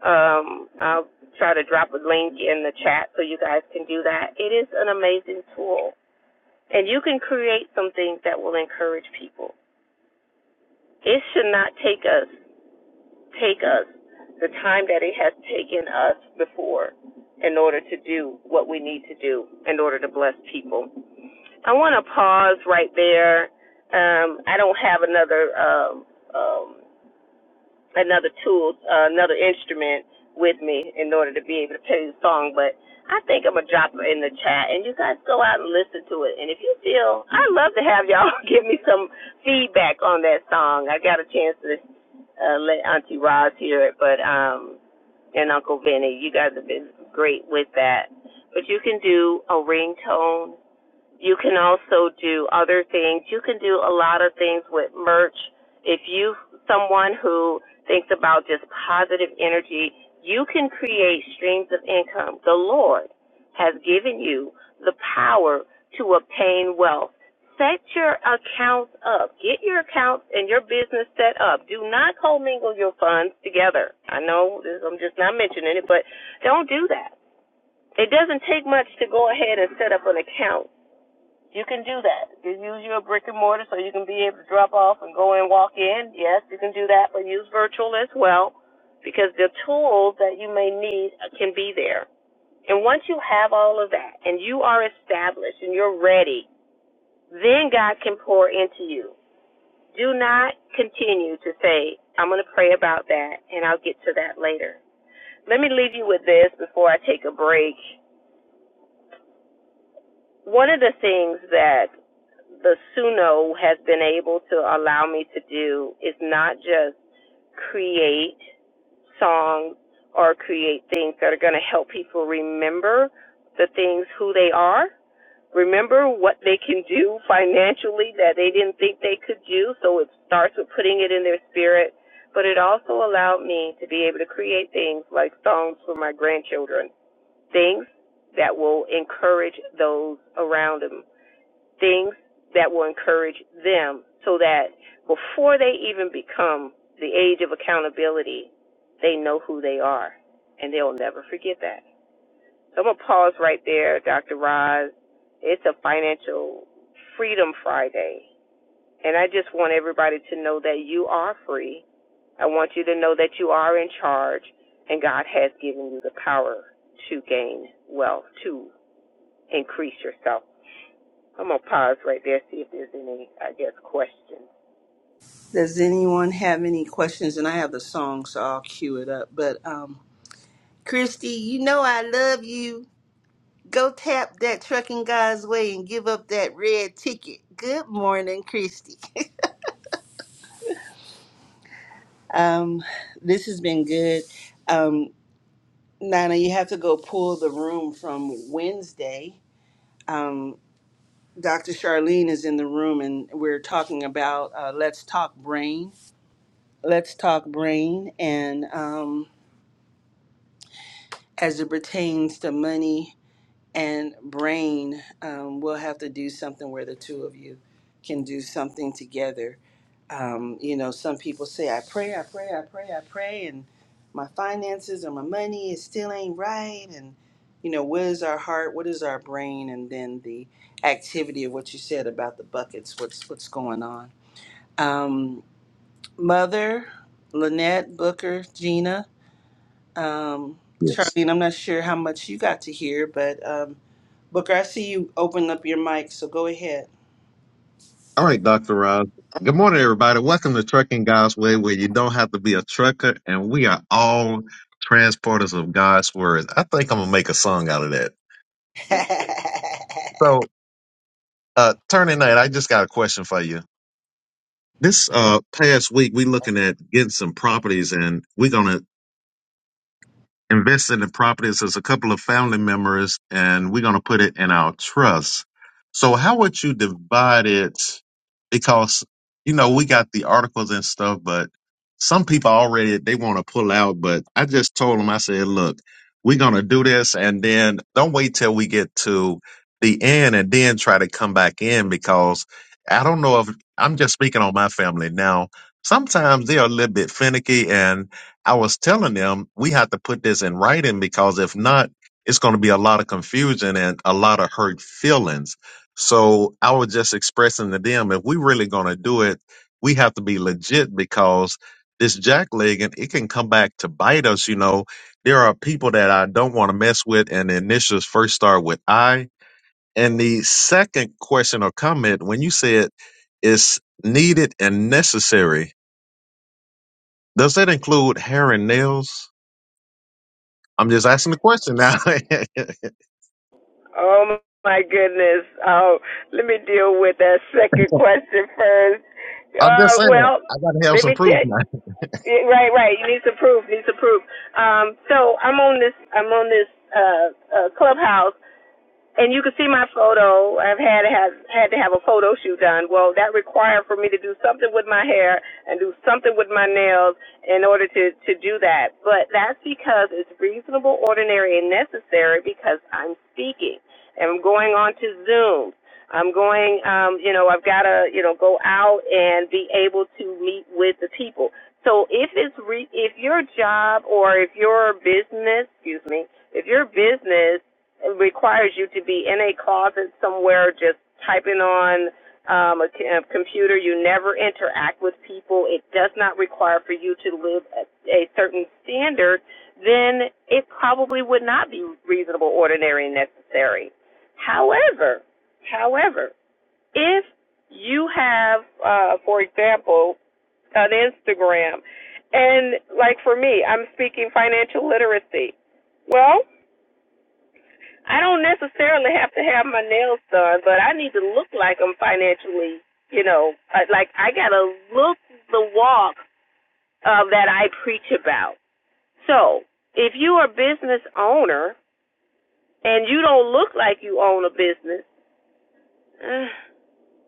Speaker 2: Um, I'll try to drop a link in the chat so you guys can do that. It is an amazing tool, and you can create some things that will encourage people. It should not take us take us the time that it has taken us before in order to do what we need to do in order to bless people. I want to pause right there. Um, I don't have another um, um, another tool, uh, another instrument with me in order to be able to play the song, but I think I'm gonna drop it in the chat, and you guys go out and listen to it. And if you feel, I'd love to have y'all give me some feedback on that song. I got a chance to uh, let Auntie Roz hear it, but um, and Uncle Vinny, you guys have been great with that. But you can do a ringtone you can also do other things. You can do a lot of things with merch. If you someone who thinks about just positive energy, you can create streams of income. The Lord has given you the power to obtain wealth. Set your accounts up. Get your accounts and your business set up. Do not commingle your funds together. I know this, I'm just not mentioning it, but don't do that. It doesn't take much to go ahead and set up an account you can do that. You use your brick and mortar so you can be able to drop off and go and walk in. Yes, you can do that, but use virtual as well because the tools that you may need can be there. And once you have all of that and you are established and you're ready, then God can pour into you. Do not continue to say, I'm going to pray about that and I'll get to that later. Let me leave you with this before I take a break. One of the things that the Suno has been able to allow me to do is not just create songs or create things that are going to help people remember the things who they are, remember what they can do financially that they didn't think they could do. So it starts with putting it in their spirit, but it also allowed me to be able to create things like songs for my grandchildren, things that will encourage those around them things that will encourage them so that before they even become the age of accountability, they know who they are and they'll never forget that. So I'm going to pause right there, Dr. Roz. It's a financial freedom Friday. And I just want everybody to know that you are free. I want you to know that you are in charge and God has given you the power to gain wealth, to increase yourself. I'm gonna pause right there, see if there's any, I guess, questions.
Speaker 1: Does anyone have any questions? And I have the song, so I'll cue it up. But um, Christy, you know I love you. Go tap that trucking guy's way and give up that red ticket. Good morning, Christy. um, this has been good. Um, Nana, you have to go pull the room from Wednesday. Um, Dr. Charlene is in the room, and we're talking about uh, Let's Talk Brain. Let's Talk Brain. And um, as it pertains to money and brain um, will have to do something where the two of you can do something together. Um, you know, some people say, I pray, I pray, I pray, I pray, and my finances or my money, it still ain't right. And, you know, what is our heart? What is our brain? And then the activity of what you said about the buckets, what's, what's going on. Um, mother, Lynette, Booker, Gina. Um,
Speaker 3: yes
Speaker 1: Charlene, I'm not sure how much you got to hear, but um, Booker, I see you open up your mic, so go ahead.
Speaker 3: All right, Dr. Roz. Good morning, everybody. Welcome to Trucking God's Way, where you don't have to be a trucker, and we are all transporters of God's word. I think I'm gonna make a song out of that. So, uh, Turning Night, I just got a question for you. This uh past week, we looking at getting some properties, and we're gonna investing in properties. There's a couple of family members, and we're going to put it in our trust. So, how would you divide it? Because you know we got the articles and stuff, but some people already they want to pull out. But I just told them, I said, look, we're going to do this, and then don't wait till we get to the end, and then try to come back in because I don't know if I'm just speaking on my family now. Sometimes they are a little bit finicky, and. I was telling them we have to put this in writing because if not, it's going to be a lot of confusion and a lot of hurt feelings. So I was just expressing to them if we really going to do it, we have to be legit because this jacklegging it can come back to bite us. You know, there are people that I don't want to mess with, and the initials first start with I. And the second question or comment when you said it's needed and necessary, does that include hair and nails? I'm just asking the question now.
Speaker 2: Oh my goodness. Oh, let me deal with that second question first.
Speaker 3: I'm just
Speaker 2: Uh,
Speaker 3: saying,
Speaker 2: well,
Speaker 3: I gotta have
Speaker 2: let
Speaker 3: some
Speaker 2: me
Speaker 3: proof
Speaker 2: check.
Speaker 3: now.
Speaker 2: Yeah, Right, right. You need some proof. Need some proof. Um, so I'm on this. I'm on this uh, uh, clubhouse and you can see my photo. I've had has had to have a photo shoot done. Well, that required for me to do something with my hair and do something with my nails in order to to do that. But that's because it's reasonable, ordinary, and necessary because I'm speaking and I'm going on to Zoom. I'm going, um, you know, I've got to, you know, go out and be able to meet with the people. So if it's re- if your job or if your business, excuse me, if your business requires you to be in a closet somewhere just typing on um, a, c- a computer. You never interact with people. It does not require for you to live at a certain standard. Then it probably would not be reasonable, ordinary, and necessary. However, however, if you have, uh, for example, an Instagram, and like for me, I'm speaking financial literacy. Well, I don't necessarily have to have my nails done, but I need to look like I'm financially, you know, uh, like I gotta look the walk uh, that I preach about. So if you are a business owner and you don't look like you own a business, uh,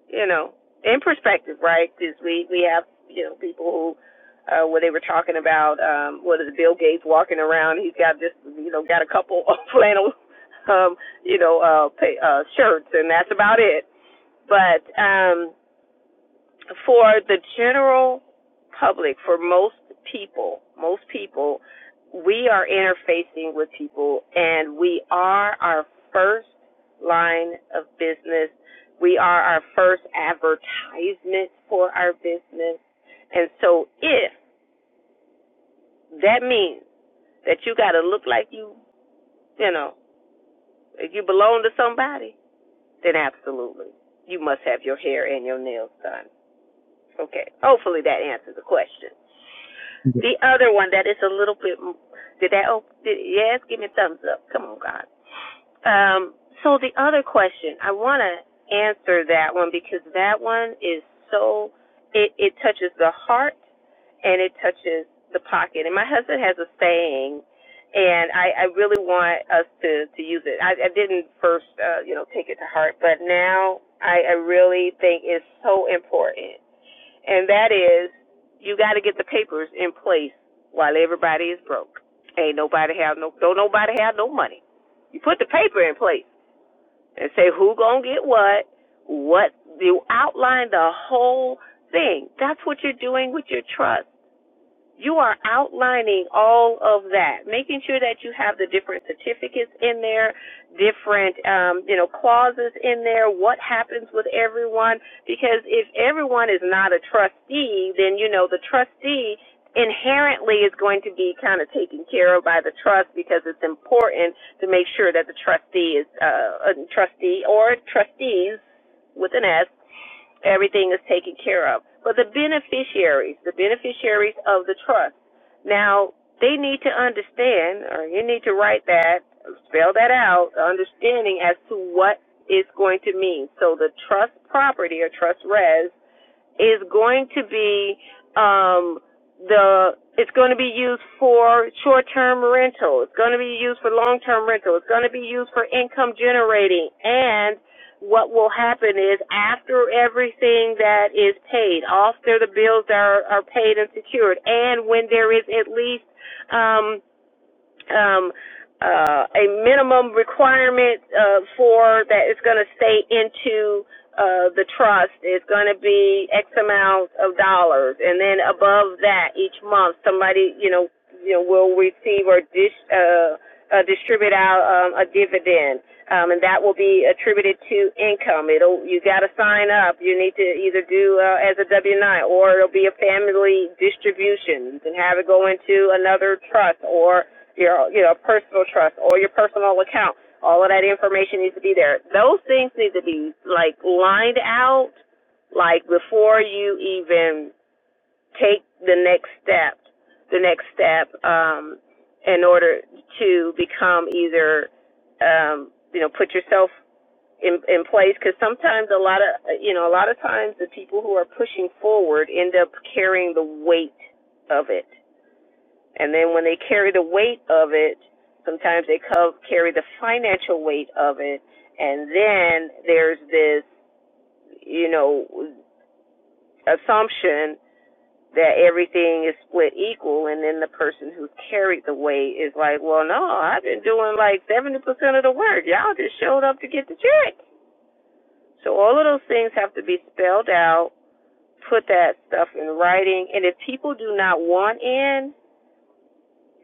Speaker 2: you know, in perspective, right? Because we we have you know people who uh where they were talking about um what is Bill Gates walking around? He's got this you know got a couple of flannel um you know uh, pay, uh shirts and that's about it. But um for the general public, for most people, most people, we are interfacing with people and we are our first line of business. We are our first advertisement for our business. And so if that means that you got to look like you, you know, if you belong to somebody, then absolutely. You must have your hair and your nails done. Okay. Hopefully that answers the question. The other one that is a little bit, did that, oh, did, yes, give me a thumbs up. Come on, God. Um, so the other question, I want to answer that one because that one is so, it, it touches the heart and it touches the pocket. And my husband has a saying, and I, I really want us to, to use it. I, I didn't first, uh, you know, take it to heart, but now I, I really think it's so important and that is you got to get the papers in place while everybody is broke. Ain't nobody have no don't nobody have no money. You put the paper in place and say who gonna get what, what you outline the whole thing. That's what you're doing with your trust you are outlining all of that, making sure that you have the different certificates in there, different um, you know clauses in there, what happens with everyone, because if everyone is not a trustee, then you know the trustee inherently is going to be kind of taken care of by the trust because it's important to make sure that the trustee is uh, a trustee or trustees with an S Everything is taken care of. But the beneficiaries, the beneficiaries of the trust, now they need to understand, or you need to write that, spell that out, understanding as to what it's going to mean. So the trust property or trust res is going to be um, the it's going to be used for short-term rental. It's going to be used for long-term rental. It's going to be used for income generating. And what will happen is after everything that is paid, after the bills are are paid and secured, and when there is at least um, um, uh, a minimum requirement uh, for that is going to stay into uh, the trust is going to be X amount of dollars, and then above that, each month somebody you know you know will receive or dish, uh, uh, distribute out um, a dividend, um, and that will be attributed to income. It'll you got to sign up. You need to either do uh, as a W nine, or it'll be a family distribution. You can have it go into another trust, or your you know personal trust or your personal account. All of that information needs to be there. Those things need to be like lined out, like before you even take the next step. The next step um, in order to become either um, you know put yourself in in place because sometimes a lot of you know a lot of times the people who are pushing forward end up carrying the weight of it and then when they carry the weight of it, sometimes they co- carry the financial weight of it. And then there's this, you know, assumption that everything is split equal. And then the person who carried the weight is like, well, no, I've been doing like 70% of the work. Y'all just showed up to get the check. So all of those things have to be spelled out, put that stuff in writing. And if people do not want in,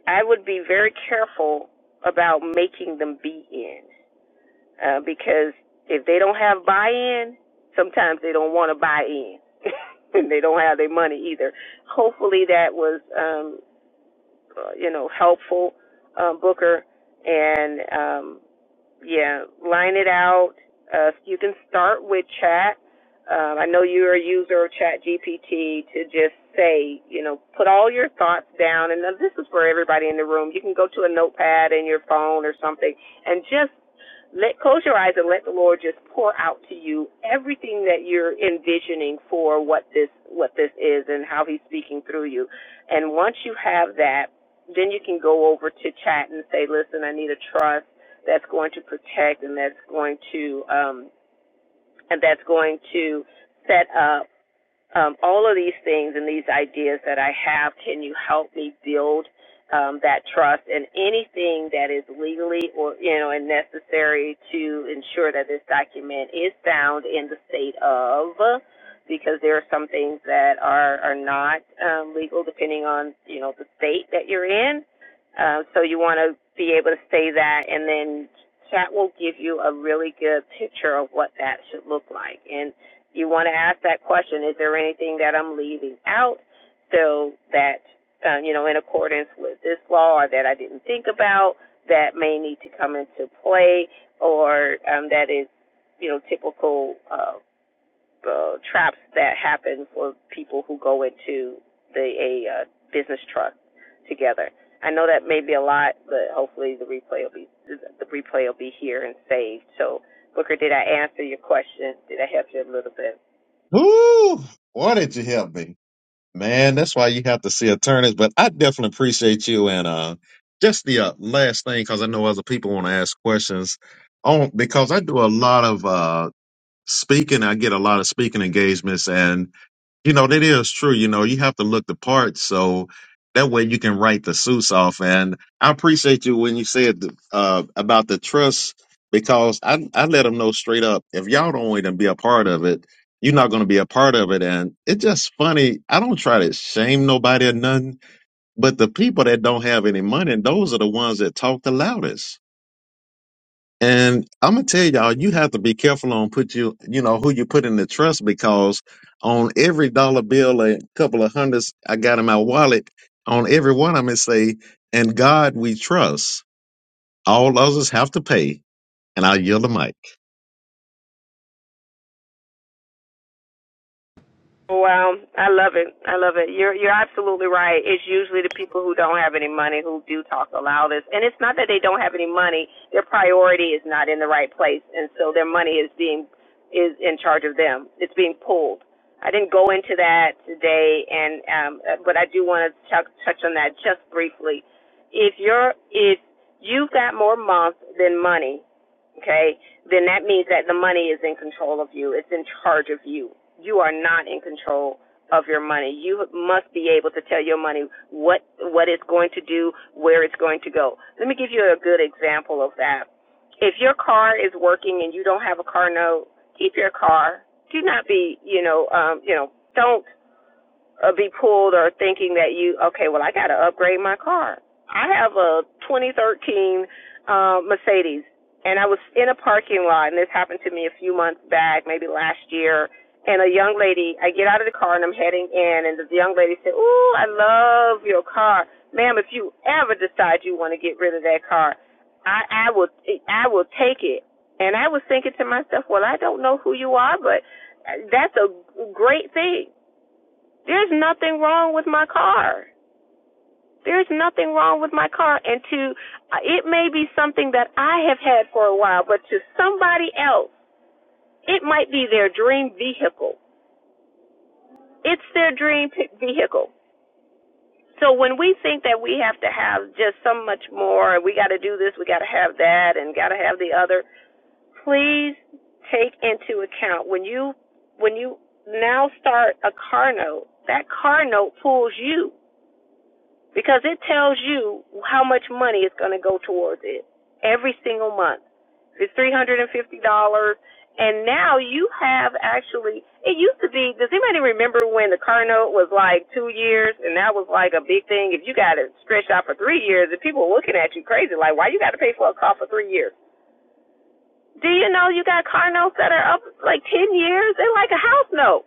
Speaker 2: I would be very careful about making them be in uh, because if they don't have buy in, sometimes they don't want to buy in and they don't have their money either. Hopefully, that was, um, uh, you know, helpful, um, Booker. And, um, yeah, line it out. Uh, you can start with chat. Um, I know you're a user of chat GPT to just say, you know, put all your thoughts down. And this is for everybody in the room. You can go to a notepad in your phone or something and just let close your eyes and let the Lord just pour out to you everything that you're envisioning for what this what this is and how he's speaking through you. And once you have that, then you can go over to chat and say, listen, I need a trust that's going to protect and that's going to um, and that's going to set up um, all of these things and these ideas that I have, can you help me build um, that trust and anything that is legally or you know and necessary to ensure that this document is sound in the state of because there are some things that are are not um, legal depending on you know the state that you're in. Uh, so you want to be able to say that and then chat will give you a really good picture of what that should look like and you want to ask that question is there anything that i'm leaving out so that uh, you know in accordance with this law or that i didn't think about that may need to come into play or um, that is you know typical uh, uh, traps that happen for people who go into the a uh, business trust together i know that may be a lot but hopefully the replay will be the replay will be here and saved so booker did i answer your question did i help you a little bit
Speaker 3: Woo! Boy, did you help me, man? That's why you have to see attorneys. But I definitely appreciate you. And uh, just the uh, last thing, because I know other people want to ask questions on because I do a lot of uh speaking. I get a lot of speaking engagements, and. You know, that is true. You know, you have to look the part so that way you can write the suits off. And I appreciate you when you said uh, about the trust because I, I let them know straight up if y'all don't want to be a part of it, you're not going to be a part of it. And it's just funny. I don't try to shame nobody or nothing, but the people that don't have any money, those are the ones that talk the loudest. And I'm gonna tell y'all, you have to be careful on put you, you know, who you put in the trust because on every dollar bill, a couple of hundreds I got in my wallet, on every one I'm gonna say, "And God we trust. All others have to pay." And I yield the mic.
Speaker 2: Wow, I love it. I love it. You're you're absolutely right. It's usually the people who don't have any money who do talk the loudest. And it's not that they don't have any money. Their priority is not in the right place and so their money is being is in charge of them. It's being pulled. I didn't go into that today and um uh, but I do want to touch touch on that just briefly. If you're if you've got more month than money, okay? then that means that the money is in control of you. It's in charge of you. You are not in control of your money. You must be able to tell your money what what it's going to do, where it's going to go. Let me give you a good example of that. If your car is working and you don't have a car note, keep your car. Do not be, you know, um, you know, don't uh, be pulled or thinking that you okay well i got to upgrade my car i have a 2013 uh mercedes and i was in a parking lot and this happened to me a few months back maybe last year and a young lady i get out of the car and i'm heading in and the young lady said ooh i love your car ma'am if you ever decide you want to get rid of that car i i will i will take it and i was thinking to myself well i don't know who you are but that's a great thing there's nothing wrong with my car. There's nothing wrong with my car. And to, uh, it may be something that I have had for a while, but to somebody else, it might be their dream vehicle. It's their dream vehicle. So when we think that we have to have just so much more, and we got to do this, we got to have that, and got to have the other, please take into account when you when you now start a car note, that car note pulls you because it tells you how much money is going to go towards it every single month. It's three hundred and fifty dollars, and now you have actually. It used to be. Does anybody remember when the car note was like two years, and that was like a big thing? If you got it stretched out for three years, and people were looking at you crazy, like, why you got to pay for a car for three years? Do you know you got car notes that are up like ten years? They're like a house note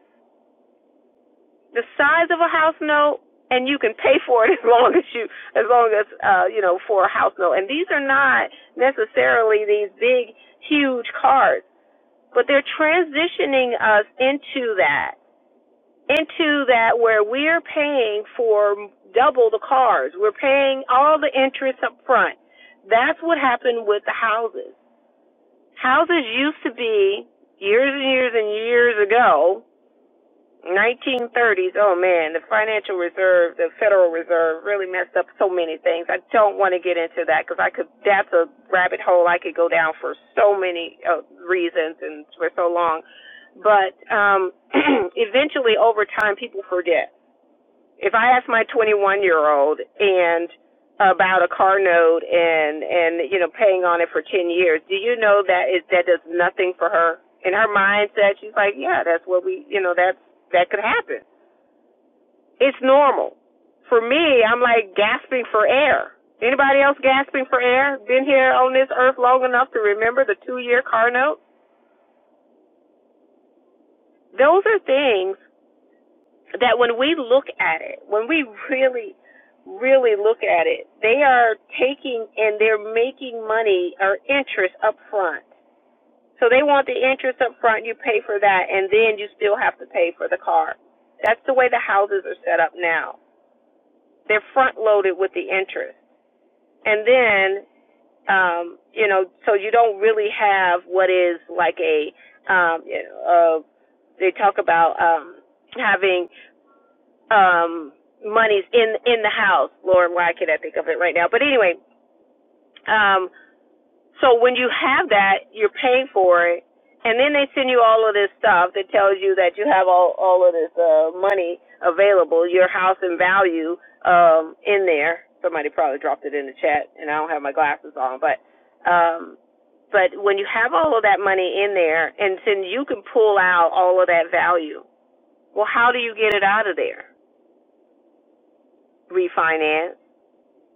Speaker 2: the size of a house note and you can pay for it as long as you as long as uh you know for a house note and these are not necessarily these big huge cards but they're transitioning us into that into that where we're paying for double the cars we're paying all the interest up front that's what happened with the houses houses used to be years and years and years ago 1930s. Oh man, the Financial Reserve, the Federal Reserve, really messed up so many things. I don't want to get into that because I could. That's a rabbit hole I could go down for so many uh, reasons and for so long. But um, eventually, over time, people forget if I ask my 21 year old and about a car note and and you know paying on it for 10 years, do you know that is that does nothing for her? In her mindset, she's like, yeah, that's what we you know that's that could happen. It's normal. For me, I'm like gasping for air. Anybody else gasping for air? Been here on this earth long enough to remember the two year car note? Those are things that when we look at it, when we really, really look at it, they are taking and they're making money or interest up front. So they want the interest up front, you pay for that, and then you still have to pay for the car. That's the way the houses are set up now. They're front loaded with the interest. And then, um, you know, so you don't really have what is like a, um, you know, uh, they talk about um, having um monies in in the house. Lord, why can't I think of it right now? But anyway, um so when you have that, you're paying for it, and then they send you all of this stuff that tells you that you have all all of this uh money available, your house and value um in there. Somebody probably dropped it in the chat, and I don't have my glasses on, but um but when you have all of that money in there, and then you can pull out all of that value. Well, how do you get it out of there? Refinance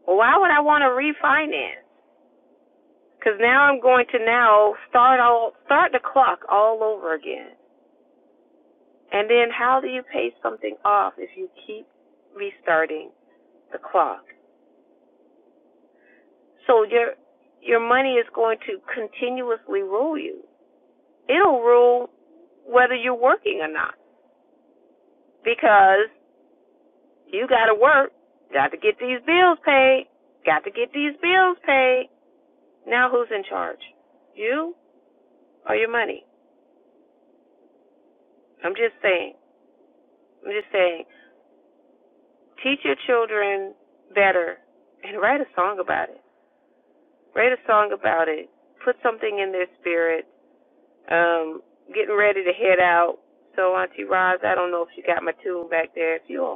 Speaker 2: Well, why would I want to refinance? Because now I'm going to now start all start the clock all over again. And then how do you pay something off if you keep restarting the clock? So your your money is going to continuously rule you. It'll rule whether you're working or not because you got to work, got to get these bills paid, got to get these bills paid. Now who's in charge? You or your money? I'm just saying. I'm just saying, teach your children better and write a song about it. Write a song about it. Put something in their spirit. Um, getting ready to head out. So Auntie Roz, I don't know if you got my tune back there. If you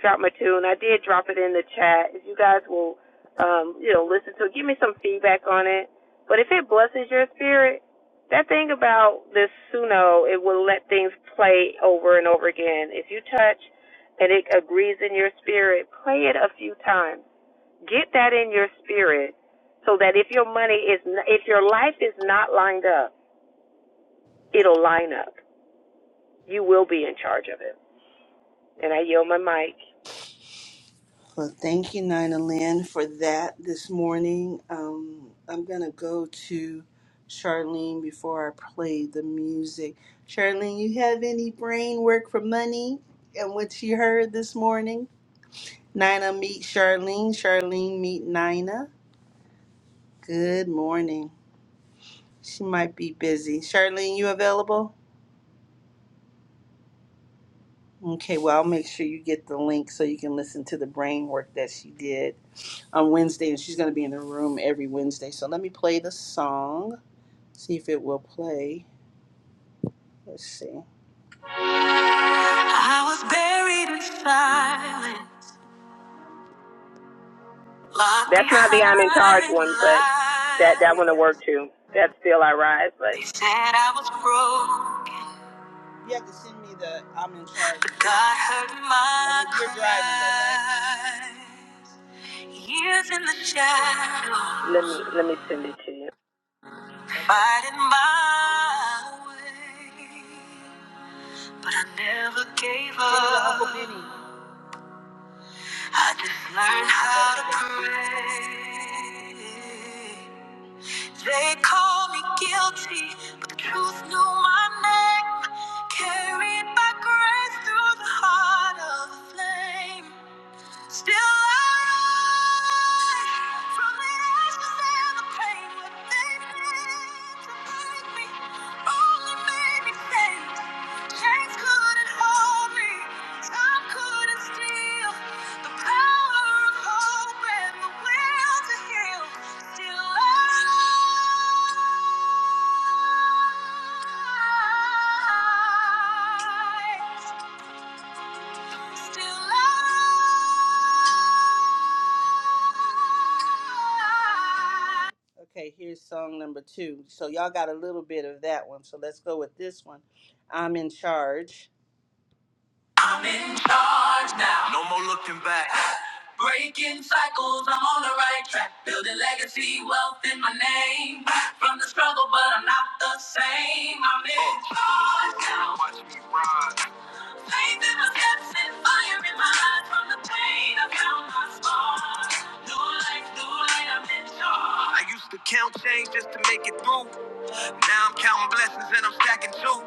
Speaker 2: drop my tune. I did drop it in the chat. If you guys will, um, you know, listen to it, give me some feedback on it. But if it blesses your spirit, that thing about this Suno, it will let things play over and over again. If you touch and it agrees in your spirit, play it a few times. Get that in your spirit so that if your money is, if your life is not lined up, it'll line up. You will be in charge of it. And I yield my mic.
Speaker 1: Well, thank you, Nina Lynn, for that this morning. Um, I'm going to go to Charlene before I play the music. Charlene, you have any brain work for money and what you heard this morning? Nina, meet Charlene. Charlene, meet Nina. Good morning. She might be busy. Charlene, you available? Okay, well, I'll make sure you get the link so you can listen to the brain work that she did on Wednesday. And she's going to be in the room every Wednesday. So let me play the song, see if it will play. Let's see. I was buried in silence, locked
Speaker 2: That's not the I'm in charge
Speaker 1: behind
Speaker 2: one, but that that one
Speaker 1: lies.
Speaker 2: will work too. That's still I rise, but
Speaker 1: They said I was broken. You have to send me the I'm in charge. But God heard my You're driving, though, right? cry. Years in the shadow.
Speaker 2: let me let me send it to you.
Speaker 1: Fighting my way, but I never gave up. I just learned how to pray. They call me guilty, but the truth knew my name. Carried by grace through the heart of a flame. Still I rise from the ashes and the pain. What they meant to break me only made me change. Chains couldn't hold me. Time couldn't steal the power of hope and the will to heal. Still I rise. Okay, here's song number two. So y'all got a little bit of that one. So let's go with this one. I'm in charge. No more looking back. Breaking cycles, I'm on the right track. Building legacy, wealth in my name. From the struggle, but I'm not the same. I'm in charge now. Watch me rise. Faith in my steps and fire in my eyes. From the pain, I found my scars. New life, new light, I'm in charge. I used to count change just to make it through. Now I'm counting blessings and I'm stacking too.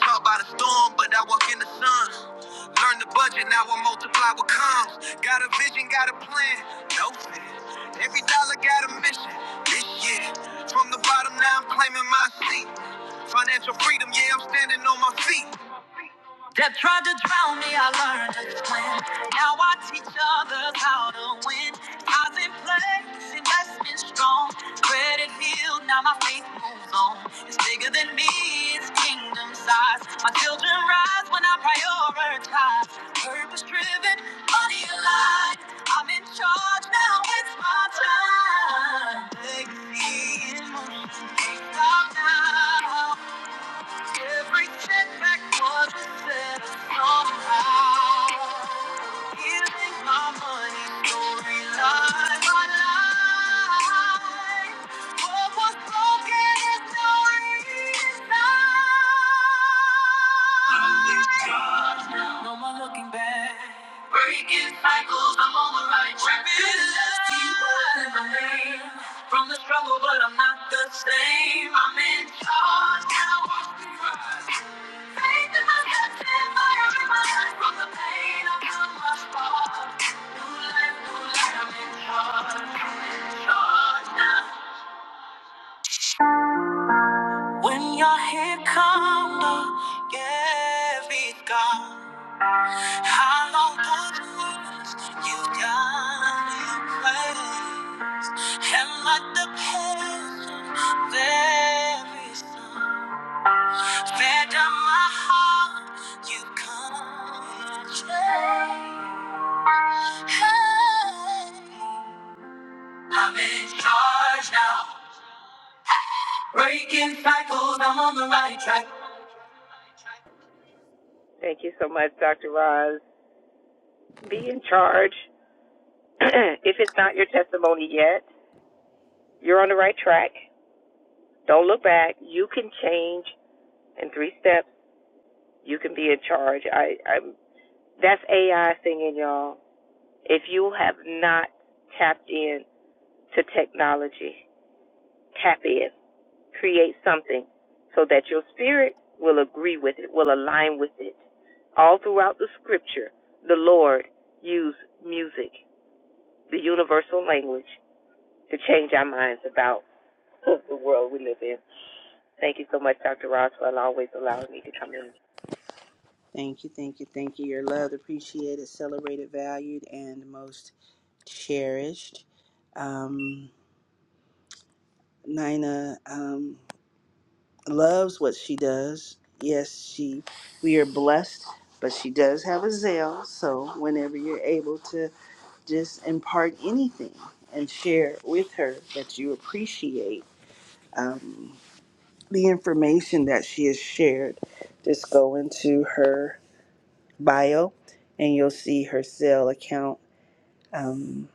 Speaker 1: Taught by the storm, but I walk in the sun. Learn the budget, now I multiply what comes. Got a vision, got a plan, no fear. Every dollar got a mission. This year, from the bottom, now I'm claiming my seat. Financial freedom, yeah, I'm standing on my feet. Death tried to drown me, I learned to swim. Now I teach others how to win. Eyes in place, investment strong. Credit healed, now my faith moves on. It's bigger than me, it's kingdom size. My children rise when I prioritize. Purpose driven, money aligned. I'm in charge now, it's my time. Legacy in motion, stop now. Every setback was a setup somehow. Healing my money story, line by What was broken is now redefined. I'm on the right track. Goodness, you were my name. The name I'm in charge now. Faith in my steps, and fire in my eyes from the pain. I've come much far. When you're here, come look everything. How the wounds you've done in place. Am I the passion of every song? Where down my heart you come and change. Hey. I'm in charge now. Breaking cycles, I'm on the right track.
Speaker 2: Thank you so much, Dr. Roz. Be in charge. if it's not your testimony yet, you're on the right track. Don't look back. You can change in three steps. You can be in charge. I, I that's AI singing, y'all. If you have not tapped in to technology, tap in. create something so that your spirit will agree with it, will align with it. All throughout the scripture, the Lord used music, the universal language, to change our minds about the world we live in. Thank you so much, Dr. Ross, for always allowing me to come in.
Speaker 1: Thank you, thank you, thank you. You're loved, appreciated, celebrated, valued, and most cherished. Um, Nina um, loves what she does. Yes, she. We are blessed, but she does have a zeal. So whenever you're able to just impart anything and share with her that you appreciate um, the information that she has shared. Just go into her bio and you'll see her sale account Um,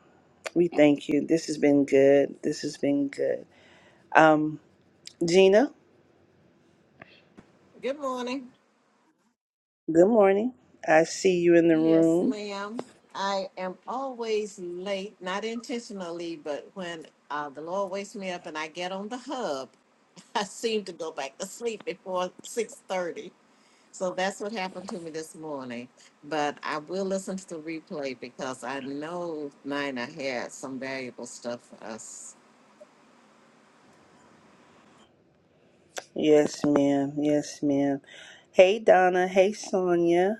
Speaker 1: we thank you. This has been good. This has been good. Um, Gina,
Speaker 7: Good morning.
Speaker 1: good morning. I see you in the
Speaker 7: Yes,
Speaker 1: room.
Speaker 7: ma'am. I am always late, not intentionally, but when uh, the Lord wakes me up and I get on the hub, I seem to go back to sleep before six thirty. So that's what happened to me this morning. But I will listen to the replay because I know Nina had some valuable stuff for us.
Speaker 1: Yes, ma'am. Yes, ma'am. Hey, Donna. Hey, Sonia.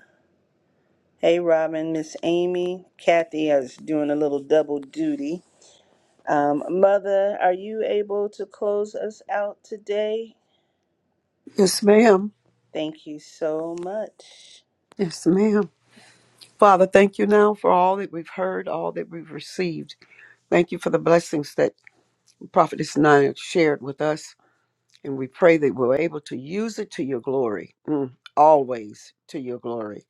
Speaker 1: Hey, Robin. Miss Amy. Kathy is doing a little double duty. Um, Mother, are you able to close us out today?
Speaker 4: Yes, ma'am.
Speaker 1: Thank you so much.
Speaker 4: Yes, ma'am. Father, thank you now for all that we've heard, all that we've received. Thank you for the blessings that Prophetess Nina shared with us. And we pray that we're able to use it to your glory, Mm, always to your glory.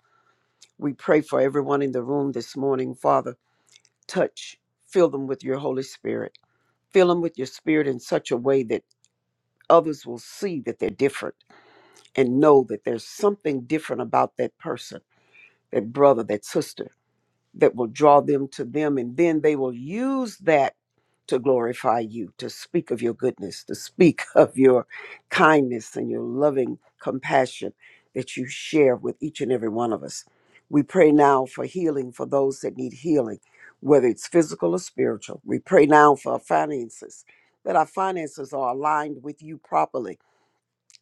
Speaker 4: We pray for everyone in the room this morning, Father. Touch, fill them with your Holy Spirit. Fill them with your Spirit in such a way that others will see that they're different and know that there's something different about that person, that brother, that sister that will draw them to them. And then they will use that to glorify you, to speak of your goodness, to speak of your kindness and your loving compassion that you share with each and every one of us. We pray now for healing for those that need healing, whether it's physical or spiritual. We pray now for our finances, that our finances are aligned with you properly,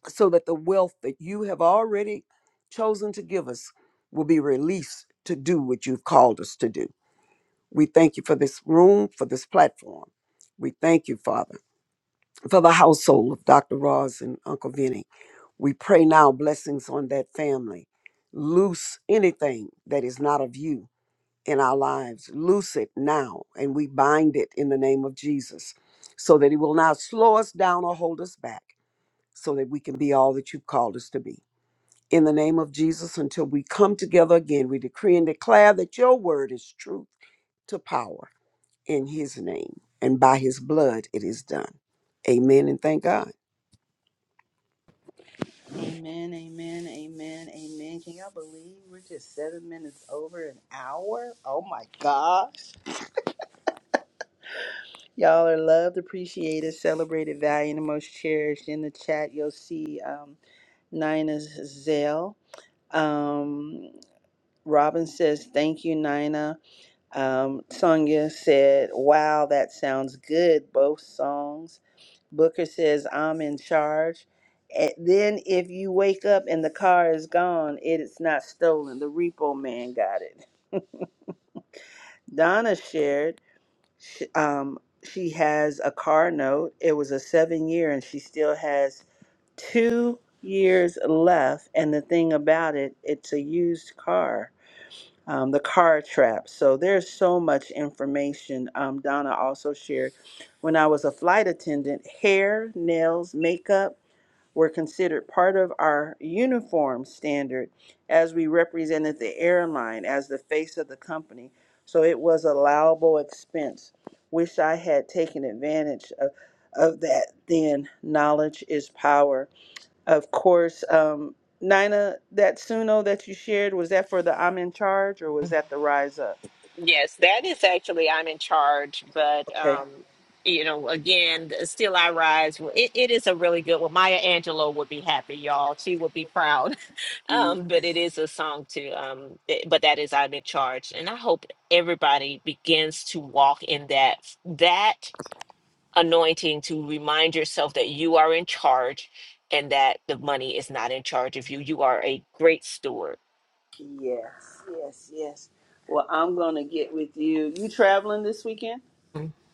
Speaker 4: so that the wealth that you have already chosen to give us will be released to do what you've called us to do. We thank you for this room, for this platform. We thank you, Father, for the household of Dr. Ross and Uncle Vinny. We pray now blessings on that family. Loose anything that is not of you in our lives. Loose it now, and we bind it in the name of Jesus so that it will not slow us down or hold us back, so that we can be all that you've called us to be. In the name of Jesus, until we come together again, we decree and declare that your word is truth to power in his name and by his blood it is done. Amen and thank God.
Speaker 1: Amen, amen, amen, amen. Can y'all believe we're just seven minutes over an hour? Oh my gosh. Y'all are loved, appreciated, celebrated, valued, and most cherished. In the chat, you'll see um, Nina's Zell. Um, Robin says, Thank you, Nina. Um, Sonia said, Wow, that sounds good, both songs. Booker says, I'm in charge. And then if you wake up and the car is gone, it is not stolen. The repo man got it. Donna shared, sh- um, she has a car note. It was a seven year and she still has two years left. And the thing about it, it's a used car. Um, the car trap. So there's so much information. Um, Donna also shared when I was a flight attendant, hair, nails, makeup, were considered part of our uniform standard as we represented the airline as the face of the company. So it was allowable expense. Wish I had taken advantage of, of that then. Knowledge is power. Of course, um, Nina, that Suno that you shared, was that for the I'm in charge or was that the Rise Up?
Speaker 2: Yes, that is actually I'm in charge, but
Speaker 1: Okay.
Speaker 2: um, you know, again, still I rise. Well, It, it is a really good one. Maya Angelou would be happy, y'all. She would be proud.
Speaker 1: Mm,
Speaker 2: Um, but it is a song to um, th- but that is I'm in charge, and I hope everybody begins to walk in that that anointing to remind yourself that you are in charge, and that the money is not in charge of you. You are a great steward.
Speaker 1: Yes, yes, yes. Well, I'm going to get with you. You traveling this weekend?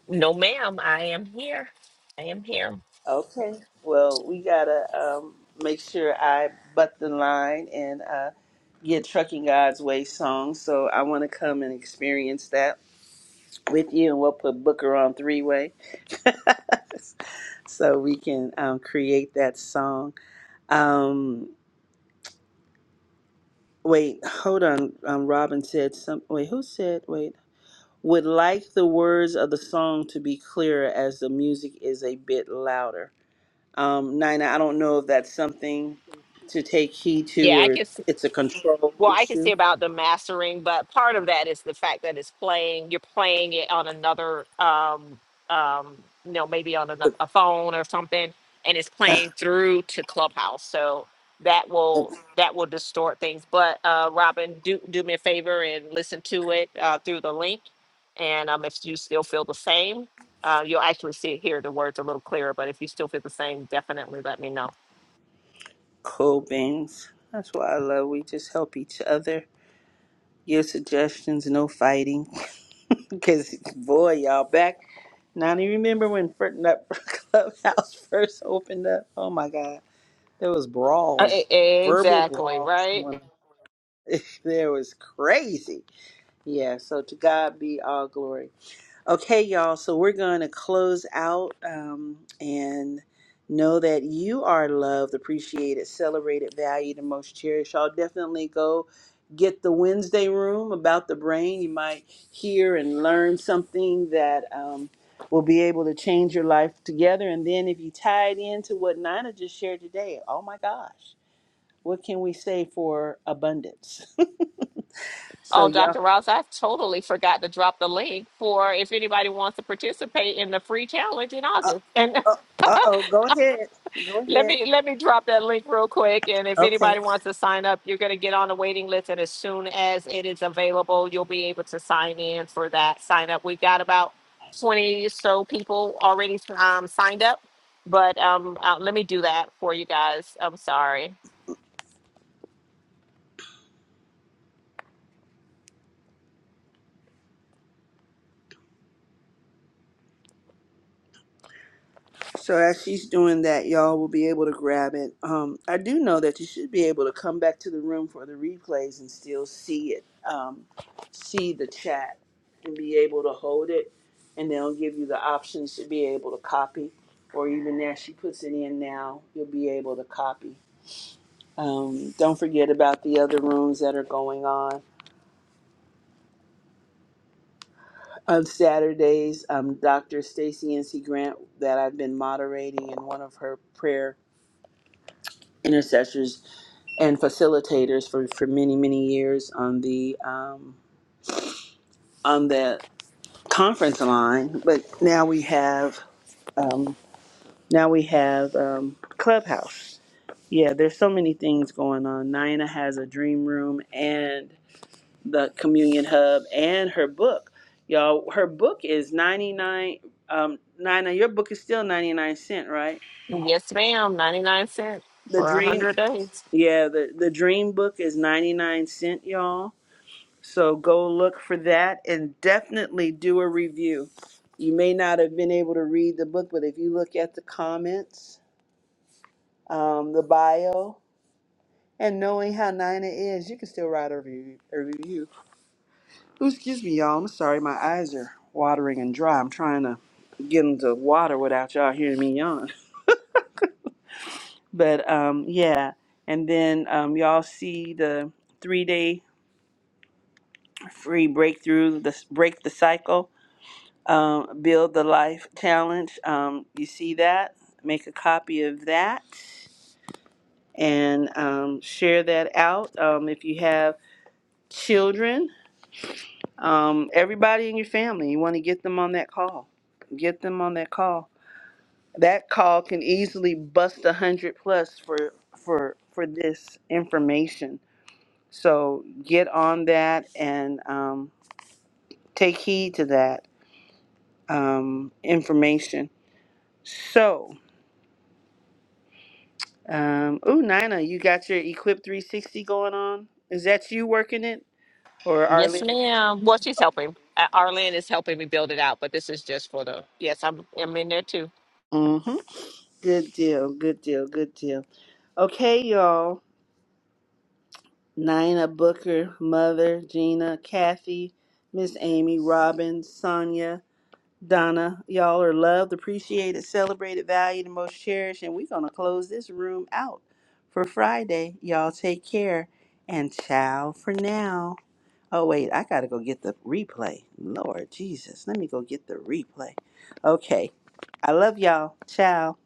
Speaker 2: No, ma'am, I am here. I am here.
Speaker 1: Okay. Well, we gotta um, make sure I butt the line and uh, get Trucking God's Way song. So I want to come and experience that with you, and we'll put Booker on three way, so we can um, create that song. Um, wait, hold on. Um, Robin said some. Wait, who said? Wait. Would like the words of the song to be clearer as the music is a bit louder. Um, Nina, I don't know if that's something to take heed to
Speaker 2: Yeah, I
Speaker 1: or
Speaker 2: can. See,
Speaker 1: it's a control
Speaker 2: well, I can see
Speaker 1: issue.
Speaker 2: about the mastering, but part of that is the fact that it's playing. You're playing it on another, um, um, you know, maybe on a, a phone or something, and it's
Speaker 1: Ah,
Speaker 2: playing through to Clubhouse. So that will that will distort things. But uh, Robin, do do me a favor and listen to it uh, through the link, and um, if you still feel the same. Uh, you'll actually see hear the words a little clearer, but if you still feel the same, definitely let me know.
Speaker 1: Cold beans. That's what I love. We just help each other. Your suggestions, no fighting. Because, boy, y'all back. Now, do you remember when fir- that Clubhouse first opened up? Oh, my God. There was
Speaker 2: Uh, e-
Speaker 1: brawls, verbal
Speaker 2: Exactly,
Speaker 1: brawls.
Speaker 2: right?
Speaker 1: going on. there was crazy. Yeah, so to God be all glory. Okay, y'all. So we're going to close out um, and know that you are loved, appreciated, celebrated, valued, and most cherished. Y'all definitely go get the Wednesday room about the brain. You might hear and learn something that um, will be able to change your life together. And then if you tie it into what Nina just shared today, oh my gosh, what can we say for abundance? so,
Speaker 2: Oh,
Speaker 1: y'all,
Speaker 2: Dr. Ross, I totally forgot to drop the link for if anybody wants to participate in the free challenge in August. And
Speaker 1: uh oh, go ahead. Go
Speaker 2: let
Speaker 1: ahead.
Speaker 2: me let me drop that link real quick. And if
Speaker 1: Okay.
Speaker 2: anybody wants to sign up, you're going to get on the waiting list, and as soon as it is available, you'll be able to sign in for that sign up. We've got about 20 or so people already um, signed up, but um, uh, let me do that for you guys. I'm sorry.
Speaker 1: So as she's doing that, y'all will be able to grab it. Um, I do know that you should be able to come back to the room for the replays and still see it, um, see the chat, and be able to hold it. And they'll give you the options to be able to copy, or even as she puts it in now, you'll be able to copy. Um, don't forget about the other rooms that are going on on Saturdays. Um, Dr. Stacy NC Grant, that I've been moderating, and one of her prayer intercessors and facilitators for, for many many years on the um, on the conference line but now we have um, now we have um, clubhouse yeah there's so many things going on Naina has a dream room and the communion hub and her book y'all her book is 99 um, nina your book is still 99 cent right
Speaker 2: Yes, ma'am. 99 cents
Speaker 1: the
Speaker 2: for
Speaker 1: dream
Speaker 2: 100 days.
Speaker 1: yeah the, the dream book is 99 cent y'all So go look for that and definitely do a review. You may not have been able to read the book, but if you look at the comments, um, the bio, and knowing how Nina is, you can still write a review. A review. Ooh, excuse me, y'all. I'm sorry. My eyes are watering and dry. I'm trying to get them to water without y'all hearing me yawn. But um, yeah. And then um, y'all see the three day free breakthrough, the break the cycle. um, Build the Life Challenge. Um, you see that? Make a copy of that and um, share that out. Um, if you have children, um, everybody in your family, you want to get them on that call. Get them on that call. That call can easily bust a hundred plus for for for this information. So get on that and um, take heed to that um, information. So Um, ooh, Nina, you got your Equip 360 going on. Is that you working it or
Speaker 2: Yes,
Speaker 1: Arlene?
Speaker 2: ma'am. Well, she's helping. Uh, Arlene is helping me build it out, but this is just for the, yes, I'm, I'm in there too.
Speaker 1: Mm-hmm. Good deal. Good deal. Good deal. Okay, y'all. Nina, Booker, Mother, Gina, Kathy, Miss Amy, Robin, Sonia, Donna. Y'all are loved, appreciated, celebrated, valued, and most cherished. And we're going to close this room out for Friday. Y'all take care and ciao for now. Oh, wait, I gotta go get the replay. Lord Jesus, let me go get the replay. Okay. I love y'all. Ciao.